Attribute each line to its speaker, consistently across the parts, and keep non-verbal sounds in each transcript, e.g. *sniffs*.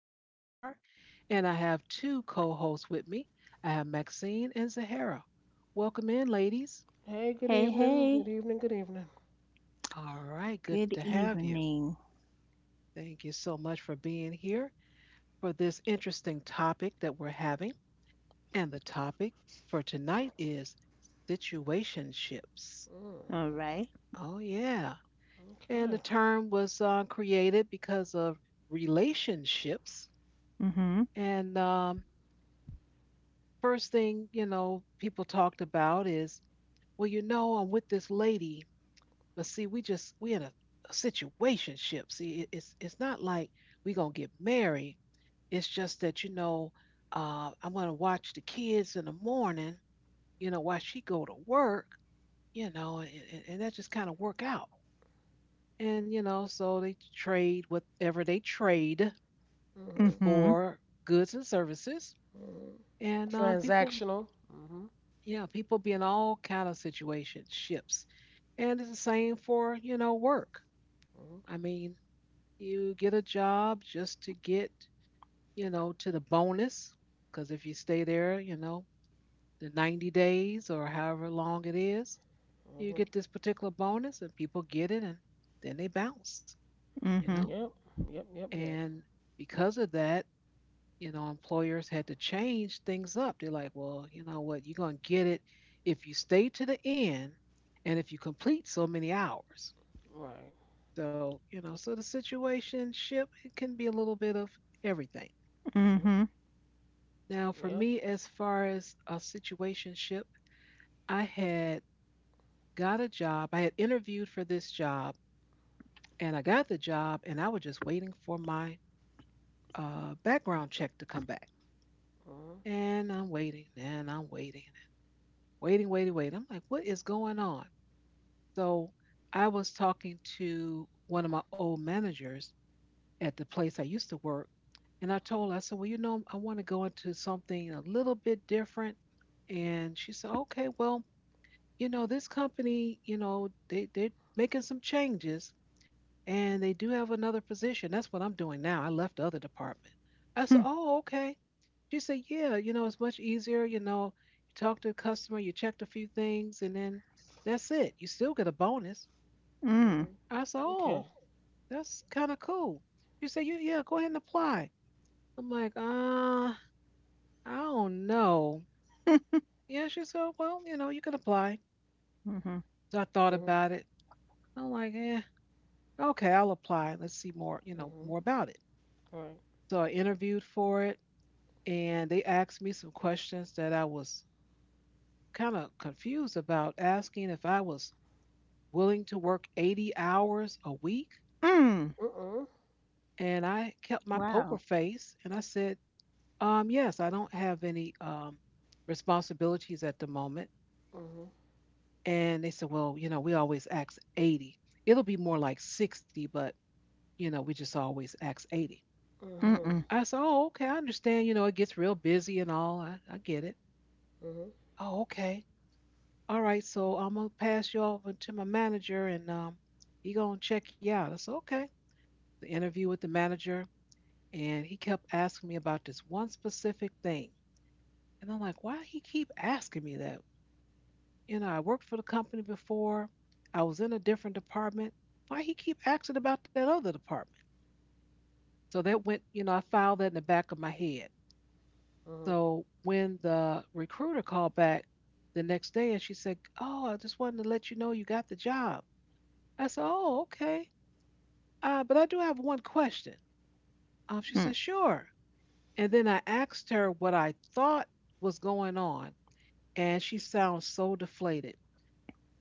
Speaker 1: host, Shar, and I have two co hosts with me. I have Maxine and Zahara. Welcome in, ladies.
Speaker 2: Hey, good
Speaker 3: Hey,
Speaker 2: evening.
Speaker 3: hey.
Speaker 2: Good evening. Good evening.
Speaker 1: All right, good to
Speaker 3: Good
Speaker 1: have you.
Speaker 3: evening.
Speaker 1: Thank you so much for being here for this interesting topic that we're having. And the topic for tonight is situationships.
Speaker 2: Mm,
Speaker 3: All right.
Speaker 1: Oh, yeah. And the
Speaker 2: okay.
Speaker 1: term was created because of relationships
Speaker 3: Mm-hmm.
Speaker 1: and first thing you know people talked about is, well, you know, I'm with this lady, but see we just we in a situation. See it's not like we gonna get married. It's just that, you know, I'm gonna watch the kids in the morning, you know, while she go to work, you know, and that just kind of work out. And, you know, so they trade whatever they trade
Speaker 2: Mhm.
Speaker 3: Mm-hmm.
Speaker 1: for goods and services.
Speaker 2: Mhm.
Speaker 1: And people.
Speaker 2: Transactional. Mhm.
Speaker 1: Yeah, people be in all kind of situations, ships. And it's the same for, you know, work. I
Speaker 2: Mhm.
Speaker 1: mean, you get a job just to get, you know, to the bonus. Because if you stay there, you know, the 90 days or however long it is, you
Speaker 2: Mhm.
Speaker 1: get this particular bonus and people get it and then they bounce, you
Speaker 3: Mm-hmm.
Speaker 1: know.
Speaker 2: Yep. Yep. Yep. Yep.
Speaker 1: And because of that, you know, employers had to change things up. They're like, well, you know what, you're going to get it if you stay to the end and if you complete so many hours.
Speaker 2: Right.
Speaker 1: So, you know, so the situation ship, it can be a little bit of everything.
Speaker 2: Mhm.
Speaker 3: Mm-hmm.
Speaker 1: Now, for
Speaker 2: Yep.
Speaker 1: me, as far as a situationship, I had got a job, I had interviewed for this job, and I got the job, and I was just waiting for my background check to come back.
Speaker 2: Mhm.
Speaker 1: And I'm waiting, waiting, waiting, waiting. I'm like, what is going on? So I was talking to one of my old managers at the place I used to work, and I told her, I said, well, you know, I want to go into something a little bit different. And she said, okay, well, you know, this company, you know, they're making some changes and they do have another position. That's what I'm doing now. I left the other department. I said,
Speaker 3: Hmm.
Speaker 1: oh, okay. She said, "Yeah, you know, it's much easier. You know, you talk to the customer, you checked a few things, and then that's it. You still get a bonus."
Speaker 3: Mm.
Speaker 2: Mhm.
Speaker 1: I said,
Speaker 2: Okay.
Speaker 1: "Oh, that's kind of cool." She said, "You yeah, go ahead and apply." I'm like, "I don't know." Yeah, she said, "Well, you know, you can apply."
Speaker 3: Mm-hmm.
Speaker 1: So I thought
Speaker 2: Mhm.
Speaker 1: about it. I'm like, "Eh, okay, I'll apply. Let's see more, you know, more
Speaker 2: Mhm.
Speaker 1: about it."
Speaker 2: Right.
Speaker 1: So I interviewed for it, and they asked me some questions that I was kind of confused about, asking if I was willing to work 80 hours a week.
Speaker 3: Mm.
Speaker 2: Mm.
Speaker 1: And I kept my poker
Speaker 3: Wow.
Speaker 1: face and I said, yes, I don't have any responsibilities at the moment.
Speaker 2: Mhm.
Speaker 1: And they said, well, you know, we always ask 80. It'll be more like 60, but, you know, we just always ask 80.
Speaker 2: Mhm.
Speaker 3: Mm-mm.
Speaker 1: I said, oh, okay, I understand. You know, it gets real busy and all. I get it.
Speaker 2: Mhm.
Speaker 1: Oh, okay. All right. So I'm going to pass you over to my manager, and he going to check you out. I said, okay. The interview with the manager, and he kept asking me about this one specific thing. And I'm like, why he keep asking me that? You know, I worked for the company before. I was in a different department. Why he keep asking about that other department? So that went, you know, I filed that in the back of my head.
Speaker 2: Mhm.
Speaker 1: So when the recruiter called back the next day and she said, "Oh, I just wanted to let you know you got the job." I said, "Oh, okay. But I do have one question." She
Speaker 3: Hmm.
Speaker 1: said, "Sure." And then I asked her what I thought was going on, and she sounds so deflated.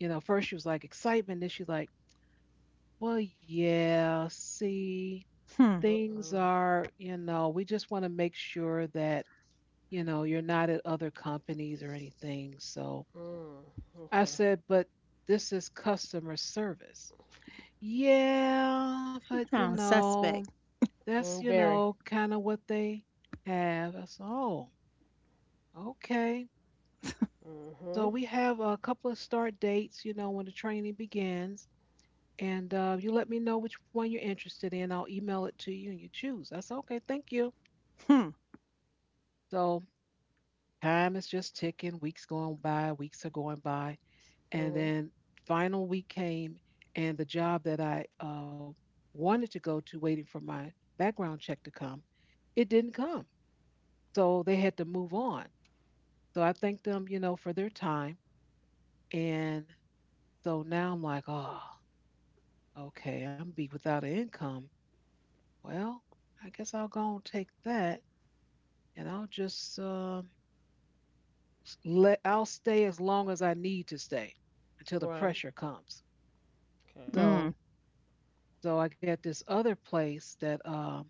Speaker 1: You know, first she was like excitement, then she's like, "Well, yeah, see,
Speaker 3: Hmm. You
Speaker 1: things
Speaker 2: Mhm.
Speaker 1: are, you know, we just want to make sure that, you know, you're not at other companies or anything." So
Speaker 2: Mm.
Speaker 1: I
Speaker 2: Okay.
Speaker 1: said, "But this is customer service." Yeah, but you
Speaker 3: Sound
Speaker 1: know,
Speaker 3: suspect.
Speaker 1: that's,
Speaker 2: Mm,
Speaker 1: you
Speaker 2: very.
Speaker 1: know, kind of what they have. I said, "Oh, okay." So
Speaker 2: Mhm.
Speaker 1: we have a couple of start dates, you know, when the training begins, and you let me know which one you're interested in. I'll email it to you and you choose. I said, okay, thank you.
Speaker 3: Hmm.
Speaker 1: So time is just ticking, weeks going by, weeks are going by. And
Speaker 2: Mhm.
Speaker 1: then final week came, and the job that I wanted to go to, waiting for my background check to come, it didn't come. So they had to move on. So I thanked them, you know, for their time. And so now I'm like, oh, okay, I'm gonna be without an income. Well, I guess I'll go and take that, and I'll just let I'll stay as long as I need to stay until the
Speaker 2: Right.
Speaker 1: pressure comes.
Speaker 2: Okay.
Speaker 3: Mm.
Speaker 1: So I got this other place that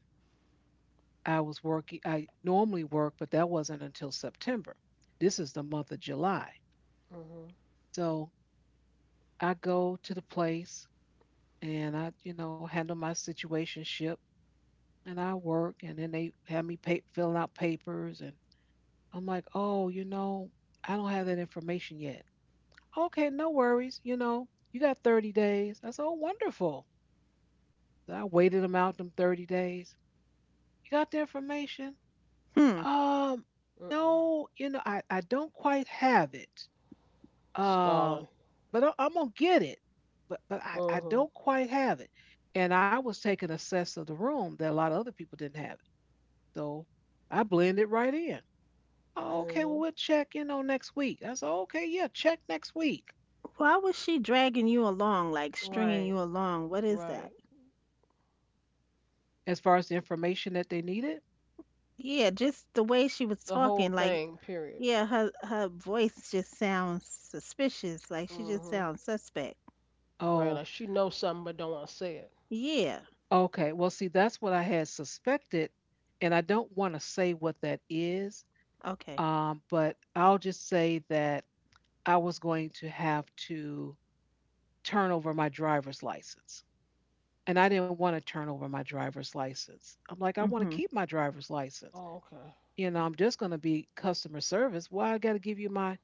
Speaker 1: I was working. I normally work, but that wasn't until September. This is the month of July.
Speaker 2: Mhm.
Speaker 1: So I go to the place, and I, you know, handle my situationship, and I work, and then they have me pay, filling out papers, and I'm like, oh, you know, I don't have that information yet. Okay, no worries. You know, you got 30 days. I said, oh, wonderful. Then I waited them out them 30 days. You got the information?
Speaker 3: Hmm.
Speaker 1: Um,
Speaker 2: Mm.
Speaker 1: no, you know, I don't quite have it. Um,
Speaker 2: Stalling.
Speaker 1: but I'm gonna get it. But I
Speaker 2: Mhm.
Speaker 1: don't quite have it. And I was taking a sense of the room that a lot of other people didn't have it. So I blended right in. "Oh, okay, well
Speaker 2: Mhm.
Speaker 1: we'll check, you know, next week. I said, okay, yeah, check next week.
Speaker 3: Why was she dragging you along, like stringing you
Speaker 2: Right.
Speaker 3: along? What is that?
Speaker 2: Right.
Speaker 1: As far as the information that they needed.
Speaker 3: Yeah, just the way she was
Speaker 2: The
Speaker 3: talking,
Speaker 2: whole
Speaker 3: like
Speaker 2: thing, period.
Speaker 3: yeah, her voice just sounds suspicious. Like she just
Speaker 2: Mhm.
Speaker 3: sounds suspect.
Speaker 2: Right,
Speaker 1: Oh,
Speaker 2: like she knows something but don't want to say it.
Speaker 3: Yeah.
Speaker 1: okay, well, see, that's what I had suspected, and I don't want to say what that is,
Speaker 3: Okay.
Speaker 1: but I'll just say that I was going to have to turn over my driver's license. And I didn't want to turn over my driver's license. I'm like, I want to
Speaker 3: Mm-hmm.
Speaker 1: keep my driver's license.
Speaker 2: Oh, okay.
Speaker 1: You know, I'm just going to be customer service. Why I got to give you my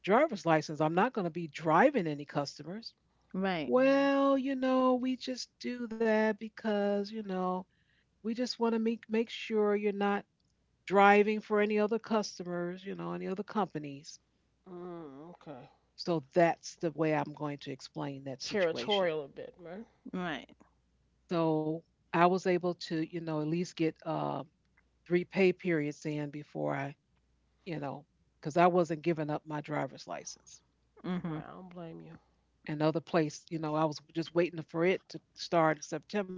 Speaker 1: driver's license? I'm not going to be driving any customers.
Speaker 3: Right.
Speaker 2: Mhm.
Speaker 1: Well, you know, we just do that because, you know, we just want to make sure you're not driving for any other customers, you know, any other companies.
Speaker 2: Mm, okay.
Speaker 1: So that's the way I'm going to explain that situation.
Speaker 2: Territorial a bit, right?
Speaker 3: Right.
Speaker 1: So I was able to, you know, at least get three pay periods in before I, you know, because I wasn't giving up my driver's license.
Speaker 3: Mm-hmm.
Speaker 2: Right, I don't blame you.
Speaker 1: Another place, you know, I was just waiting for it to start in September.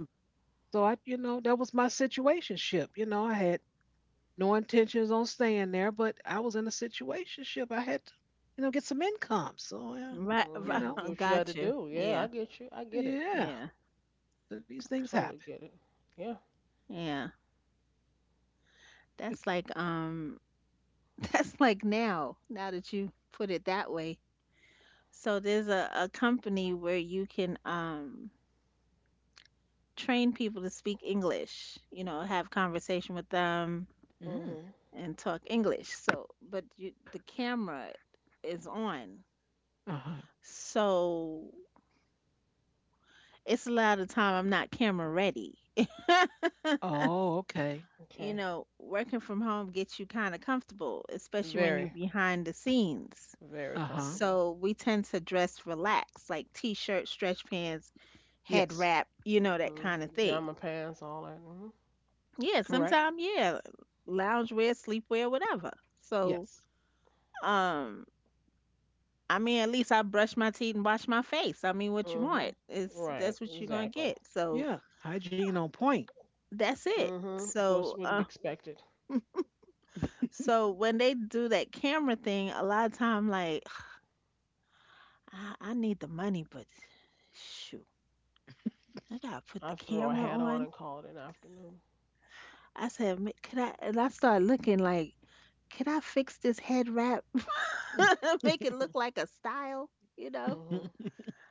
Speaker 1: So I, you know, that was my situationship. You know, I had no intentions on staying there, but I was in a situationship. I had to, you know, get some income. So, yeah,
Speaker 3: Right,
Speaker 1: you
Speaker 3: right,
Speaker 2: Mhm.
Speaker 1: know.
Speaker 2: Do
Speaker 3: *laughs*
Speaker 2: what you had to
Speaker 3: got you.
Speaker 2: do. Yeah,
Speaker 3: Yeah,
Speaker 2: I get you. I get it.
Speaker 1: Yeah.
Speaker 3: yeah,
Speaker 1: So these
Speaker 2: I
Speaker 1: things happen.
Speaker 2: totally get it. Yeah.
Speaker 3: yeah. That's like *laughs* that's like now. Now that you put it that way, so there's a company where you can train people to speak English. You know, have conversation with them
Speaker 1: Mm.
Speaker 2: Mhm.
Speaker 3: and talk English. So, but you, the camera is on,
Speaker 1: Uh-huh.
Speaker 3: so it's a lot of time I'm not camera ready. *laughs*
Speaker 1: Oh, okay.
Speaker 3: You
Speaker 2: Okay.
Speaker 3: know, working from home gets you kind of comfortable, especially when you're
Speaker 2: Very,
Speaker 3: behind the scenes.
Speaker 2: very
Speaker 1: Uh-huh.
Speaker 2: comfortable.
Speaker 3: So we tend to dress relaxed, like t shirt, stretch pants, head
Speaker 1: Yes.
Speaker 3: wrap, you know, that
Speaker 2: Mm,
Speaker 3: kind of thing.
Speaker 2: pajama pants, all that. Mhm.
Speaker 3: Yeah,
Speaker 1: Correct.
Speaker 3: sometimes, yeah, loungewear, sleepwear, whatever. So,
Speaker 1: Yes.
Speaker 3: um, I mean, at least I brush my teeth and wash my face. I mean, what you
Speaker 2: Mhm.
Speaker 3: want is
Speaker 2: Right,
Speaker 3: that's what you're gonna
Speaker 2: exactly.
Speaker 3: get. So
Speaker 1: Yeah. Hygiene on point.
Speaker 3: that's it.
Speaker 2: Mhm. Of course, what could be expected.
Speaker 3: So when they do that camera thing, a lot of time, like, I need the money, but shoot, I gotta put the
Speaker 2: I throw a
Speaker 3: camera
Speaker 2: hat on
Speaker 3: on.
Speaker 2: and call it an afternoon.
Speaker 3: I said, "Ma- could I? And I started looking like, could I fix this head wrap? *laughs*
Speaker 1: *laughs*
Speaker 3: Make it look like a style, you know?
Speaker 2: Mhm.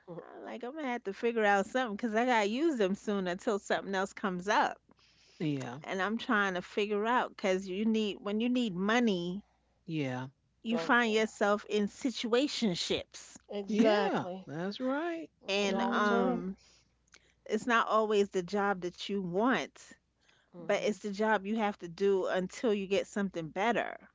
Speaker 2: *laughs*
Speaker 3: I'm like, I'm gonna have to figure out something because I gotta use them soon until something else comes up.
Speaker 1: Yeah.
Speaker 3: And I'm trying to figure out because you need, when you need money,
Speaker 1: Yeah.
Speaker 3: you
Speaker 2: Oh
Speaker 3: find
Speaker 2: yeah.
Speaker 3: yourself in situationships.
Speaker 1: Yeah.
Speaker 2: Exactly.
Speaker 1: That's right.
Speaker 2: Mm,
Speaker 3: And
Speaker 2: all the
Speaker 1: Hmm.
Speaker 2: time.
Speaker 3: It's not always the job that you want but it's
Speaker 2: Mhm.
Speaker 3: the job you have to do until you get something better.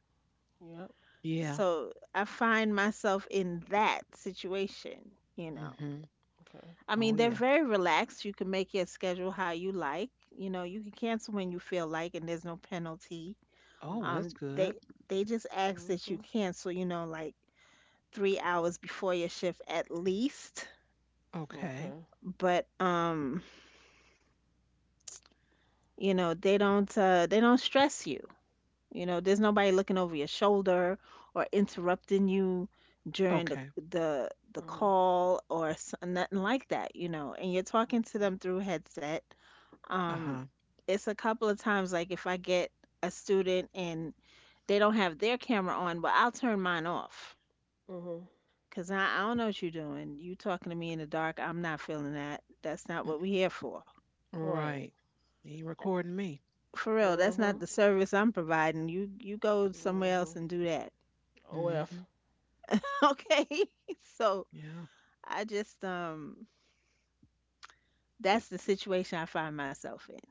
Speaker 2: Yep.
Speaker 1: Yeah.
Speaker 3: So I find myself in that situation, you know.
Speaker 1: Hmm.
Speaker 2: Okay.
Speaker 3: I mean,
Speaker 1: Oh,
Speaker 3: they're
Speaker 1: yeah.
Speaker 3: very relaxed. You can make your schedule how you like. You know, you can cancel when you feel like, and there's no penalty.
Speaker 1: Oh, well,
Speaker 2: Mhm.
Speaker 3: Um,
Speaker 1: that's
Speaker 3: they
Speaker 1: good.
Speaker 3: they just ask that you
Speaker 2: Mhm.
Speaker 3: cancel, you know, like 3 hours before your shift at least.
Speaker 1: Okay.
Speaker 2: Okay.
Speaker 3: But you know, they don't stress you. You know, there's nobody looking over your shoulder or interrupting you during the
Speaker 1: Okay.
Speaker 3: the
Speaker 2: Mhm.
Speaker 3: call or s- nothing like that, you know. And you're talking to
Speaker 2: Okay.
Speaker 3: them through headset.
Speaker 1: Uh-huh.
Speaker 3: Um, it's a couple of times like if I get a student and they don't have their camera on, but I'll turn mine off.
Speaker 2: Mhm.
Speaker 3: Cause I don't know what you're doing. You talking to me in the dark. I'm not feeling that. That's not
Speaker 1: Mm,
Speaker 3: what we here for.
Speaker 2: Right.
Speaker 1: right. He recording me.
Speaker 3: For real, that's not
Speaker 2: Mhm.
Speaker 3: the service I'm providing. You go somewhere else
Speaker 2: Mhm.
Speaker 3: and do that. *laughs*
Speaker 1: Hmm.
Speaker 2: OF.
Speaker 3: Okay? *laughs* So
Speaker 1: Yeah.
Speaker 3: I just that's the situation I find myself in.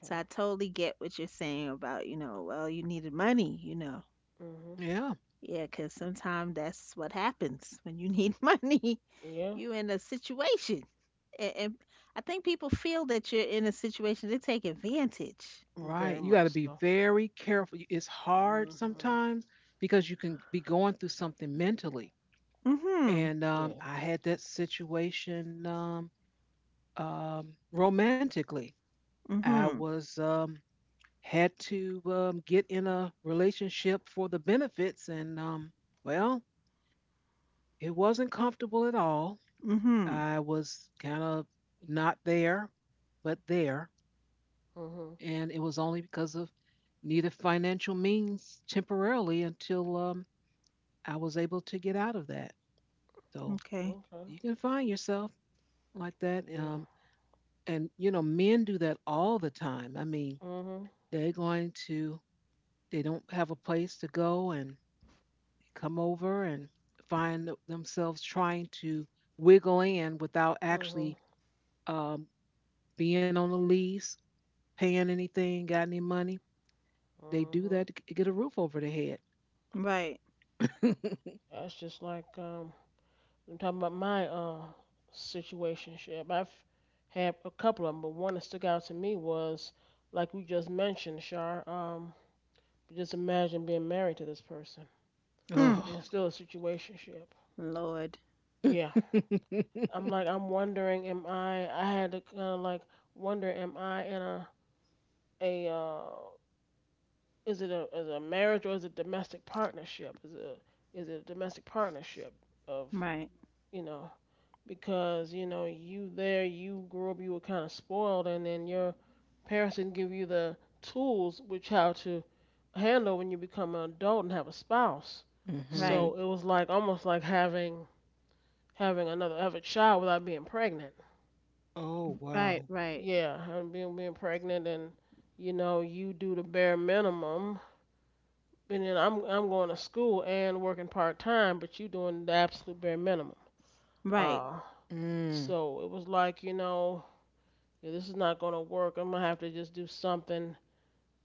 Speaker 3: So I totally get what you're saying about, you know, well, you needed money, you know.
Speaker 2: Mhm.
Speaker 1: Yeah.
Speaker 3: Yeah, 'cause sometimes that's what happens when you need *laughs* money.
Speaker 2: Yeah.
Speaker 3: You in a situation. And I think people feel that you're in a situation they take advantage.
Speaker 1: Right.
Speaker 2: Very
Speaker 1: You got
Speaker 2: much
Speaker 1: to be
Speaker 2: so.
Speaker 1: very careful. You- it's hard
Speaker 2: Mhm.
Speaker 1: sometimes because you can be going through something mentally.
Speaker 3: Mhm.
Speaker 1: And
Speaker 2: Yeah.
Speaker 1: I had that situation romantically. I
Speaker 3: Mhm.
Speaker 1: was had to get in a relationship for the benefits, and well, it wasn't comfortable at all.
Speaker 3: Mhm.
Speaker 1: I was kind of not there, but there.
Speaker 2: Mhm.
Speaker 1: And it was only because of needed financial means temporarily until I was able to get out of that. So
Speaker 3: Okay.
Speaker 2: Okay.
Speaker 1: you can find yourself like that,
Speaker 2: Yeah.
Speaker 1: and you know men do that all the time. I mean,
Speaker 2: Mhm.
Speaker 1: they're going to they don't have a place to go and come over and find themselves trying to wiggle in without
Speaker 2: Mhm.
Speaker 1: actually um, being on a lease, paying anything, got any money. They do
Speaker 2: Mhm.
Speaker 1: that to g- get a roof over their head.
Speaker 3: Right.
Speaker 2: That's just like I'm talking about my situationship. I've had a couple of them, but one that stuck out to me was, like we just mentioned, Shar. Just imagine being married to this person,
Speaker 3: Hmm.
Speaker 2: and
Speaker 1: Oh,
Speaker 2: it's still a situationship.
Speaker 3: Lord.
Speaker 1: *laughs*
Speaker 2: Yeah, I'm like, I'm wondering, am I? I had to kind of like wonder, am I in a is it a marriage, or is it domestic partnership? Is it a domestic partnership of,
Speaker 3: Right.
Speaker 2: you know, because you know you there, you grew up, you were kind of spoiled, and then your parents didn't give you the tools which how to handle when you become an adult and have a spouse.
Speaker 1: mm-hmm.
Speaker 3: Right.
Speaker 2: So it was like almost like having another other child without being pregnant,
Speaker 1: Oh
Speaker 3: Right,
Speaker 1: wow.
Speaker 3: right.
Speaker 2: yeah, being pregnant, and you know you do the bare minimum. And then I'm going to school and working part time, but you doing the absolute bare minimum,
Speaker 3: Right.
Speaker 2: uh
Speaker 1: Mm.
Speaker 2: so it was like, you know, yeah, this is not gonna work. I'm gonna have to just do something.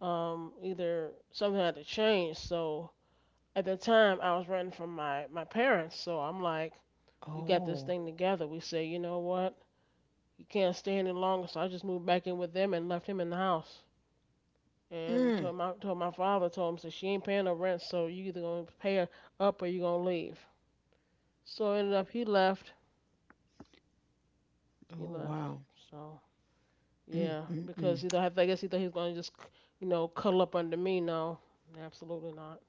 Speaker 2: Either something had to change. So at the time, I was renting from my parents. So I'm like, we got this
Speaker 1: Oh.
Speaker 2: thing together. We say, you know what? He can't stay any longer. So I just moved back in with them and left him in the house. And
Speaker 1: Mm.
Speaker 2: told my father, told him, so she ain't paying no rent. So you either gonna pay her up or you gonna leave. So ended up he left. He
Speaker 1: Oh
Speaker 2: left.
Speaker 1: wow.
Speaker 2: So
Speaker 1: Mm.
Speaker 2: yeah,
Speaker 1: Mm. Mm.
Speaker 2: because he thought, I guess he thought he was gonna just, you know, cuddle up under me. No, absolutely not.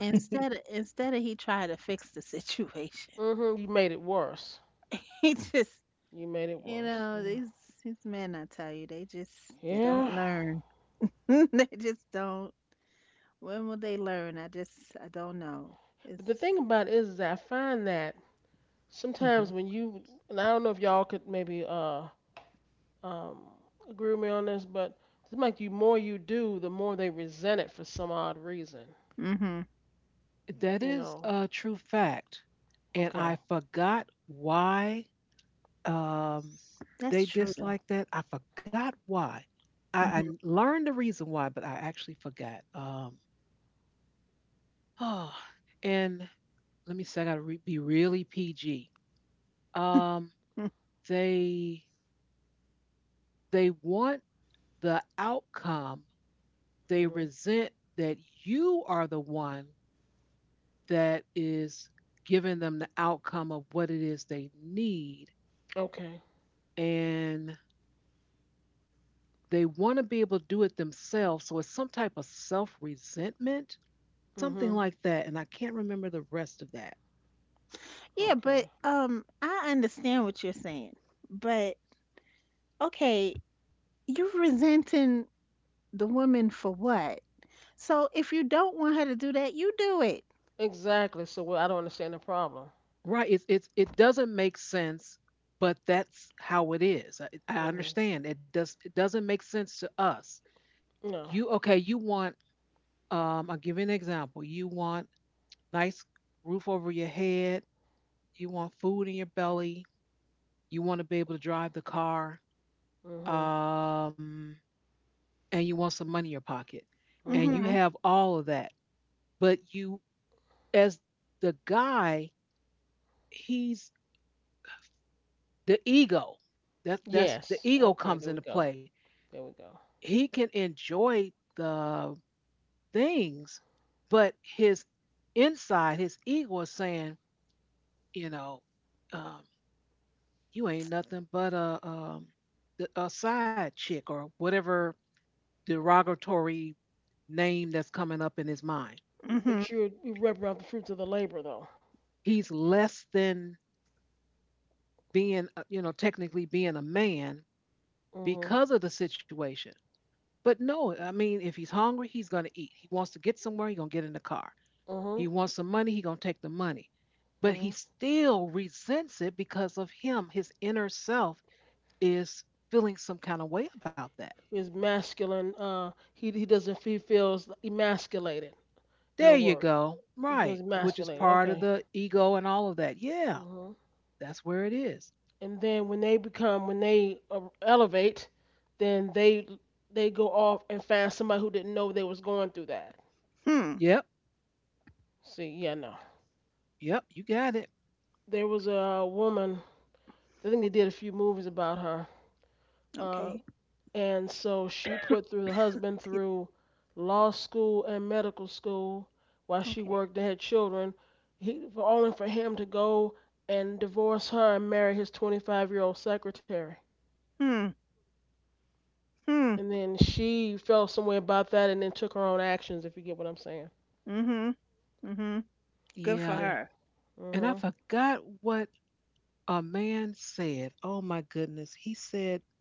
Speaker 3: Instead of, instead of he tried to fix the situation,
Speaker 2: Mhm. You made it worse.
Speaker 3: *laughs* he just
Speaker 2: You made it
Speaker 3: you
Speaker 2: worse.
Speaker 3: know
Speaker 2: Yeah.
Speaker 3: these men I tell you they just they don't
Speaker 2: Yeah.
Speaker 3: learn. *laughs* They just don't. When will they learn? I just I don't know.
Speaker 2: But the
Speaker 3: It's
Speaker 2: thing about it is I find that
Speaker 1: Mm-hmm.
Speaker 2: sometimes when you, and I don't know if y'all could maybe um agree with me on this, but it's like you more you do, the more they resent it for some odd reason.
Speaker 3: hmm.
Speaker 1: That
Speaker 2: You
Speaker 1: is
Speaker 2: know.
Speaker 1: a true fact. And I
Speaker 2: Okay.
Speaker 1: forgot why um
Speaker 3: That's
Speaker 1: they
Speaker 3: true though.
Speaker 1: disliked that. I forgot why. I learned the reason why, but I actually forgot. *sighs* Oh, and let me say I gotta re- be really PG. Um
Speaker 3: Hmm.
Speaker 1: they they want the outcome. They
Speaker 2: Mhm.
Speaker 1: resent that you are the one that is giving them the outcome of what it is they need.
Speaker 2: Okay.
Speaker 1: And they want to be able to do it themselves. So it's some type of self resentment, something
Speaker 2: Mhm.
Speaker 1: like that. And I can't remember the rest of that.
Speaker 3: *laughs* Yeah, but
Speaker 2: Okay.
Speaker 3: I understand what you're saying. But okay, you're resenting the woman for what? So if you don't want her to do that, you do it.
Speaker 2: Exactly. So well, I don't understand the problem.
Speaker 1: Right. It doesn't make sense, but that's how it is. I
Speaker 2: Mhm.
Speaker 1: understand. It doesn't make sense to us.
Speaker 2: No.
Speaker 1: You, okay, you want, I'll give you an example. You want nice roof over your head. You want food in your belly. You want to be able to drive the car.
Speaker 2: Mhm.
Speaker 1: Um, and you want some money in your pocket. And
Speaker 2: Mhm.
Speaker 1: you
Speaker 3: Mm-hmm.
Speaker 1: have all of that. But you, as the guy, he's the ego. That's the
Speaker 2: Yes.
Speaker 1: ego
Speaker 2: Okay. There
Speaker 1: comes
Speaker 2: we
Speaker 1: into
Speaker 2: go.
Speaker 1: play.
Speaker 2: There we go.
Speaker 1: He can enjoy the things, but his inside, his ego is saying, you know, um, you ain't nothing but a side chick or whatever derogatory name that's coming up in his mind.
Speaker 2: But
Speaker 3: Mm-hmm.
Speaker 2: you're you repping out the fruits of the labor though.
Speaker 1: He's less than being, technically being a man
Speaker 2: Mhm.
Speaker 1: because of the situation. But no, I mean, if he's hungry, he's going to eat. He wants to get somewhere, he's going to get in the car.
Speaker 2: Mhm.
Speaker 1: He wants some money, he's going to take the money. But he
Speaker 2: Mhm.
Speaker 1: still resents it because of him. His inner self is feeling some kind of way about that.
Speaker 2: His masculine. He doesn't. He feels emasculated. In a
Speaker 1: There you
Speaker 2: word,
Speaker 1: go.
Speaker 2: he
Speaker 1: Right.
Speaker 2: feels
Speaker 1: Which is
Speaker 2: emasculated.
Speaker 1: part of
Speaker 2: Okay.
Speaker 1: the ego and all of that. Yeah,
Speaker 2: Mhm.
Speaker 1: that's where it is.
Speaker 2: And then when they elevate, then they go off and find somebody who didn't know they was going through that.
Speaker 3: Hmm.
Speaker 1: Yep.
Speaker 2: See, yeah, no.
Speaker 1: Yep. You got it.
Speaker 2: There was a woman. I think they did a few movies about her. uh,
Speaker 3: Okay.
Speaker 2: And so she put through the husband through law school and medical school while she
Speaker 3: Okay.
Speaker 2: worked and had children, he, for only for him to go and divorce her and marry his 25-year-old secretary.
Speaker 3: Hmm. Hmm.
Speaker 2: And then she felt some way about that and then took her own actions, if you get what I'm saying.
Speaker 3: Mhm. Mhm. Good for
Speaker 1: Yeah.
Speaker 2: Yeah.
Speaker 3: her.
Speaker 1: And I
Speaker 2: Hmm.
Speaker 1: forgot what a man said. Oh my goodness. He said,